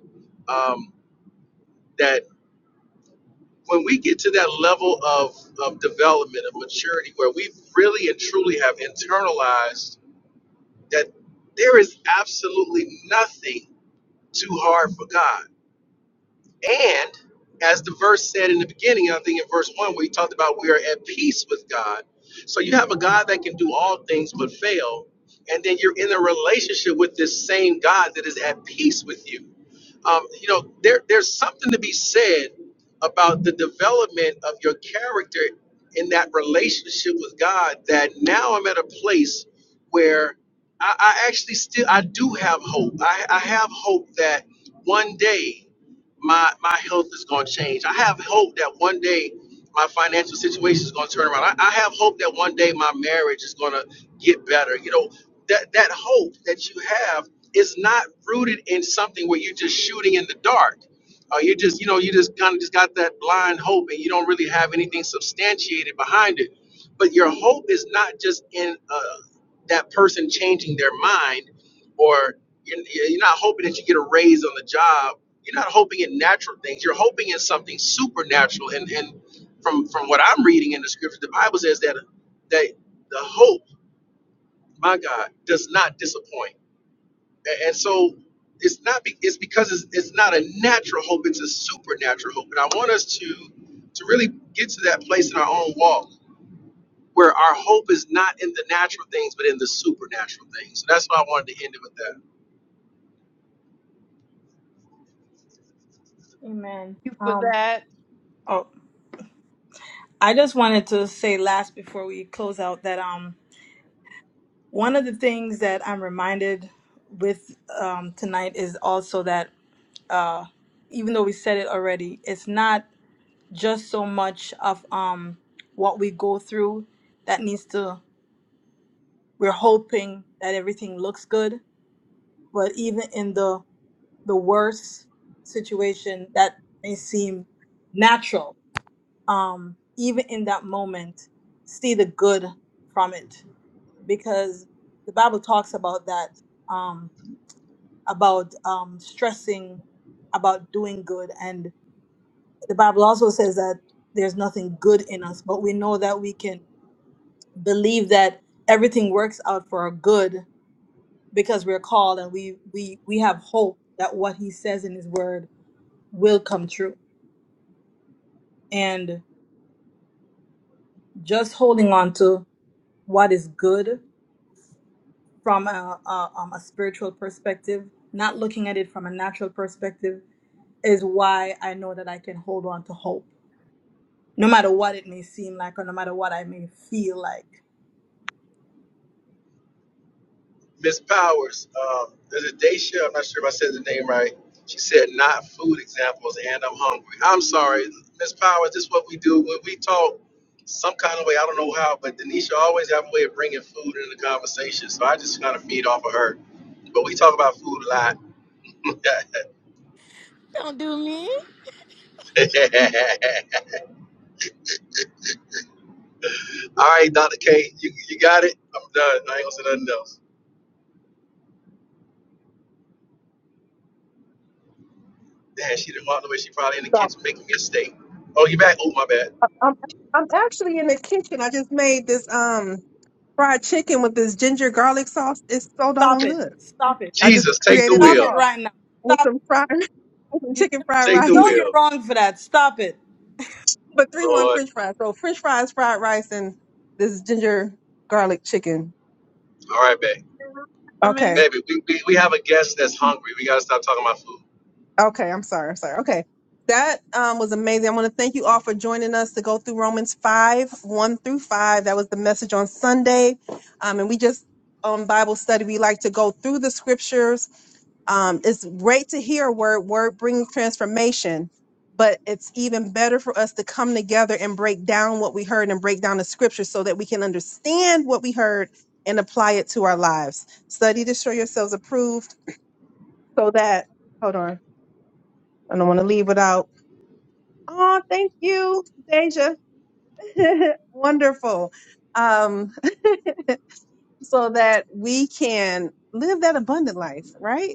[SPEAKER 2] um, that when we get to that level of, of development, of maturity, where we really and truly have internalized that there is absolutely nothing too hard for God And as the verse said in the beginning, I think in verse one, where he talked about we are at peace with God. So you have a God that can do all things but fail. And then you're in a relationship with this same God that is at peace with you. Um, you know, there, there's something to be said about the development of your character in that relationship with God that now I'm at a place where I, I actually still I do have hope. I, I have hope that one day my my health is going to change. I have hope that one day my financial situation is going to turn around. I, I have hope that one day my marriage is going to get better. You know, that that hope that you have is not rooted in something where you're just shooting in the dark. Uh, you just you know you just kind of just got that blind hope and you don't really have anything substantiated behind it. But your hope is not just in uh, that person changing their mind or you're, you're not hoping that you get a raise on the job you're not hoping in natural things. You're hoping in something supernatural. And and from from what I'm reading in the scripture, the Bible says that that the hope, my God, does not disappoint. A- And so it's not be, it's because it's, it's not a natural hope. It's a supernatural hope. And I want us to to really get to that place in our own walk where our hope is not in the natural things, but in the supernatural things. So that's why I wanted to end it with that.
[SPEAKER 5] Amen.
[SPEAKER 4] you for
[SPEAKER 5] Um,
[SPEAKER 4] that,
[SPEAKER 5] oh, I just wanted to say last before we close out that um One of the things that I'm reminded with um, tonight is also that uh, even though we said it already, it's not just so much of um, what we go through that needs to. We're hoping that everything looks good, but even in the the worst situation that may seem natural, um, even in that moment, see the good from it because the Bible talks about that. Um, about um, stressing about doing good. And the Bible also says that there's nothing good in us, but we know that we can believe that everything works out for our good because we're called and we we we have hope that what he says in his word will come true. And just holding on to what is good from a, a, um, a spiritual perspective, not looking at it from a natural perspective, is why I know that I can hold on to hope no matter what it may seem like or no matter what I may feel like.
[SPEAKER 2] Miss Powers, um, there's a Daisha, I'm not sure if I said the name right. She said not food examples and I'm hungry. I'm sorry, Miss Powers, this is what we do when we talk some kind of way, I don't know how, but Denisha always have a way of bringing food into the conversation. So I just kind of feed off of her. But we talk about food a lot. All
[SPEAKER 6] Don't do me.
[SPEAKER 2] right, Dr. K, you, you got it? I'm done. I ain't gonna say nothing else. Damn, she didn't walk away. She probably in the
[SPEAKER 1] So,
[SPEAKER 2] kitchen making me a steak. Oh, you back? Oh, my bad.
[SPEAKER 1] I- I'm, I'm actually in the kitchen. I just made this um fried chicken with this ginger garlic sauce. It's so
[SPEAKER 5] Stop
[SPEAKER 1] doggone
[SPEAKER 5] it.
[SPEAKER 1] good.
[SPEAKER 5] Stop it.
[SPEAKER 1] I just
[SPEAKER 2] Jesus, take the
[SPEAKER 1] created a
[SPEAKER 5] Stop
[SPEAKER 2] wheel.
[SPEAKER 5] it
[SPEAKER 1] sauce
[SPEAKER 5] right now.
[SPEAKER 1] with
[SPEAKER 5] Stop
[SPEAKER 1] some fried with some
[SPEAKER 5] it. You,
[SPEAKER 1] chicken fried
[SPEAKER 5] you
[SPEAKER 2] Take the
[SPEAKER 5] know
[SPEAKER 1] rice,
[SPEAKER 5] you're
[SPEAKER 2] wheel.
[SPEAKER 5] wrong for that. Stop it.
[SPEAKER 1] but three one
[SPEAKER 2] Lord.
[SPEAKER 1] French fries. So French fries, fried rice, and this ginger garlic chicken.
[SPEAKER 2] All right, babe.
[SPEAKER 4] Chairman.
[SPEAKER 1] Okay,
[SPEAKER 2] Baby, we, we, we have a guest that's hungry. We gotta stop talking about food.
[SPEAKER 1] Okay, I'm sorry. I'm sorry. Okay. That um, was amazing. I want to thank you all for joining us to go through Romans 5, 1 through 5. That was the message on Sunday. Um, and we just, on Bible study, we like to go through the scriptures. Um, it's great to hear word, word bringing transformation, but it's even better for us to come together and break down what we heard and break down the scripture so that we can understand what we heard and apply it to our lives. Study to show yourselves approved so that, hold on. I don't want to leave without. Oh, thank you, Deja. Wonderful. Um, so that we can live that abundant life, right?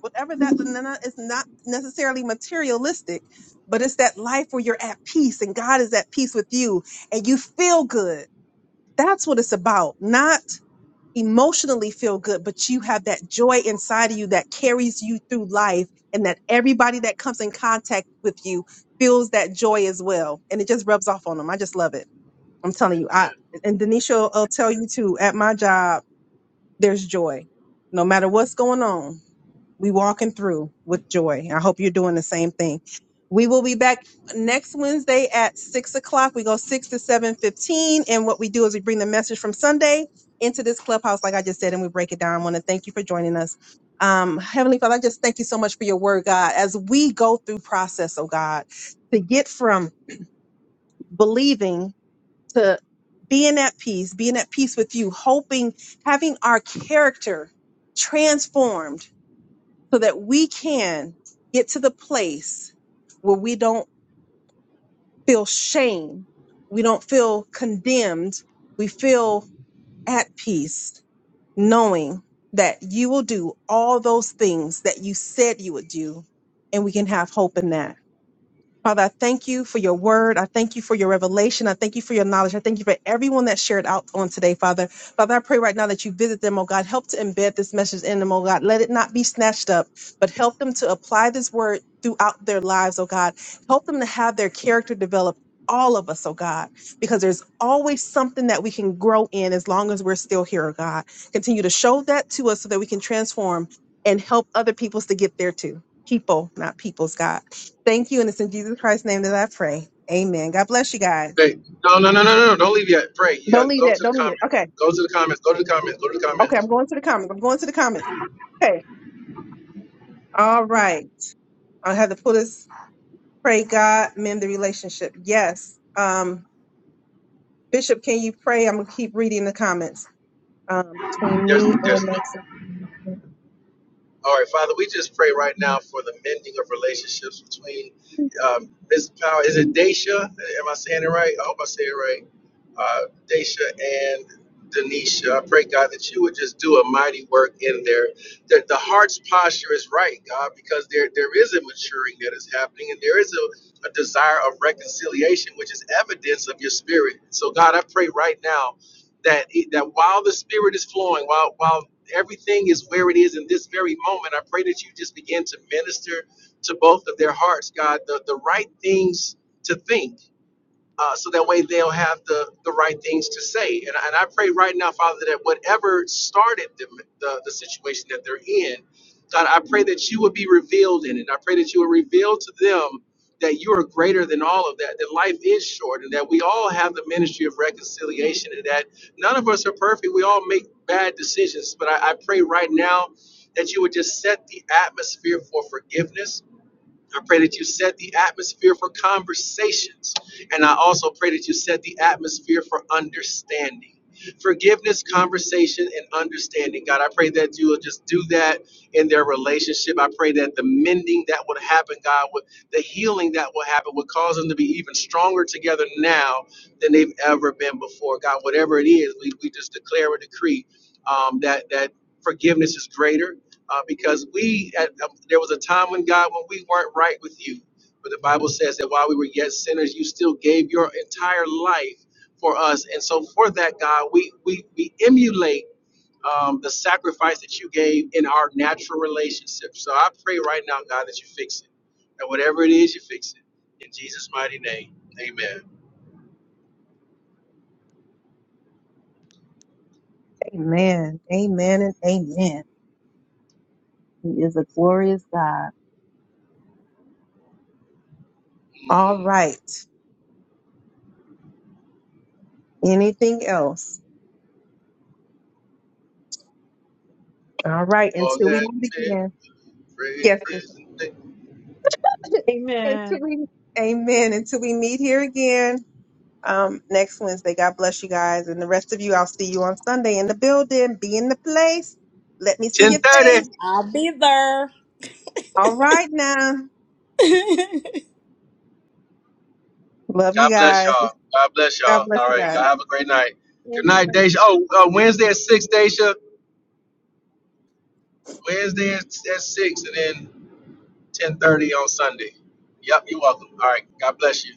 [SPEAKER 1] Whatever that n- n- it's not necessarily materialistic, but it's that life where you're at peace and God is at peace with you and you feel good. That's what it's about. Not emotionally feel good, but you have that joy inside of you that carries you through life and that everybody that comes in contact with you feels that joy as well. And it just rubs off on them. I just love it. I'm telling you, I and Denisha will will tell you too, at my job, there's joy. No matter what's going on, we walking through with joy. I hope you're doing the same thing. We will be back next Wednesday at six o'clock. We go six to seven fifteen, and what we do is we bring the message from Sunday into this clubhouse, like I just said, and we break it down. I want to thank you for joining us. Um, Heavenly Father, I just thank you so much for your word, God. As we go through process, oh God, to get from believing to being at peace, being at peace with you, hoping, having our character transformed so that we can get to the place where we don't feel shame, we don't feel condemned, we feel at peace, knowing that you will do all those things that you said you would do, and we can have hope in that. Father, I thank you for your word. I thank you for your revelation. I thank you for your knowledge. I thank you for everyone that shared out on today, Father. Father, I pray right now that you visit them, oh God. Help to embed this message in them, oh God. Let it not be snatched up, but help them to apply this word throughout their lives, oh God. Help them to have their character develop. All of us, oh God, because there's always something that we can grow in as long as we're still here, oh God. Continue to show that to us so that we can transform and help other peoples to get there too. People, not peoples, God. Thank you, and it's in Jesus Christ's name that I pray. Amen. God bless you guys.
[SPEAKER 2] Babe, no, no, no, no, no, no. Don't leave yet. Pray. You
[SPEAKER 1] Don't
[SPEAKER 2] gotta
[SPEAKER 1] leave
[SPEAKER 2] go
[SPEAKER 1] that.
[SPEAKER 2] to the
[SPEAKER 1] Don't leave it. Okay.
[SPEAKER 2] comments. Go to the comments. Go to the comments. Go to the
[SPEAKER 1] Okay. I'm
[SPEAKER 2] comments.
[SPEAKER 1] going to the comments. I'm going to the comments. Okay. All right. I have to pull this. Pray God mend the relationship. Yes. Um, Bishop, can you pray? I'm gonna keep reading the comments um, between
[SPEAKER 2] There's,
[SPEAKER 1] me
[SPEAKER 2] there's.
[SPEAKER 1] and my
[SPEAKER 2] no.
[SPEAKER 1] sister.
[SPEAKER 2] All right, Father, we just pray right
[SPEAKER 1] Ừm.
[SPEAKER 2] now for the mending of relationships between
[SPEAKER 1] Ừm.
[SPEAKER 2] um, Miss Power. Is it Daisha? Am I saying it right? I hope I say it right. Uh, Daisha and Denisha. I pray, God, that you would just do a mighty work in there. That the heart's posture is right, God, because there there is a maturing that is happening and there is a, a desire of reconciliation, which is evidence of your spirit. So, God, I pray right now that that while the spirit is flowing, while while everything is where it is in this very moment. I pray that you just begin to minister to both of their hearts, God, the, the right things to think uh, so that way they'll have the, the right things to say. And, I- and I pray right now, Father, that whatever started the, the, the situation that they're in, God, I pray that you would be revealed in it. I pray that you would reveal to them that you are greater than all of that, that life is short, and that we all have the ministry of reconciliation, and that none of us are perfect. We all make bad decisions. But I, I pray right now that you would just set the atmosphere for forgiveness I pray that you set the atmosphere for conversations. And I also pray that you set the atmosphere for understanding. Forgiveness, conversation, and understanding. God, I pray that you will just do that in their relationship. I pray that the mending that would happen, God, would, the healing that will happen would cause them to be even stronger together now than they've ever been before. God, whatever it is, we, we just declare a decree um, that, that forgiveness is greater uh, because we at, uh, there was a time when God when we weren't right with you, but the Bible says that while we were yet sinners, you still gave your entire life for us, and so for that God, we we we emulate. Um, the sacrifice that you gave in our natural relationship. So I pray right now, God, that you fix it. And whatever it is, you fix it. In Jesus' mighty name, amen.
[SPEAKER 1] Amen. Amen and amen. He is a glorious God. All right. Anything else? All right.
[SPEAKER 2] All
[SPEAKER 1] Until we
[SPEAKER 2] that
[SPEAKER 1] meet
[SPEAKER 2] man,
[SPEAKER 1] again.
[SPEAKER 2] praise
[SPEAKER 1] Yes.
[SPEAKER 2] is
[SPEAKER 1] until
[SPEAKER 4] Amen.
[SPEAKER 1] we, amen. Until we meet here again um, next Wednesday. God bless you guys. And the rest of you, I'll see you on Sunday in the building. Be in the place. Let me see your
[SPEAKER 2] 1030.
[SPEAKER 1] face.
[SPEAKER 5] I'll be there.
[SPEAKER 1] All right now. Love you
[SPEAKER 2] God bless
[SPEAKER 1] guys.
[SPEAKER 2] y'all. God bless y'all.
[SPEAKER 1] God
[SPEAKER 2] All
[SPEAKER 1] bless you
[SPEAKER 2] right.
[SPEAKER 1] guys.
[SPEAKER 2] Y'all have a great night. Good night,
[SPEAKER 4] Amen.
[SPEAKER 2] Daisha. Oh, uh, Wednesday at 6, Daisha. Wednesday at at 6 and then 10.30 on Sunday. Yep, you're welcome. All right. God bless you.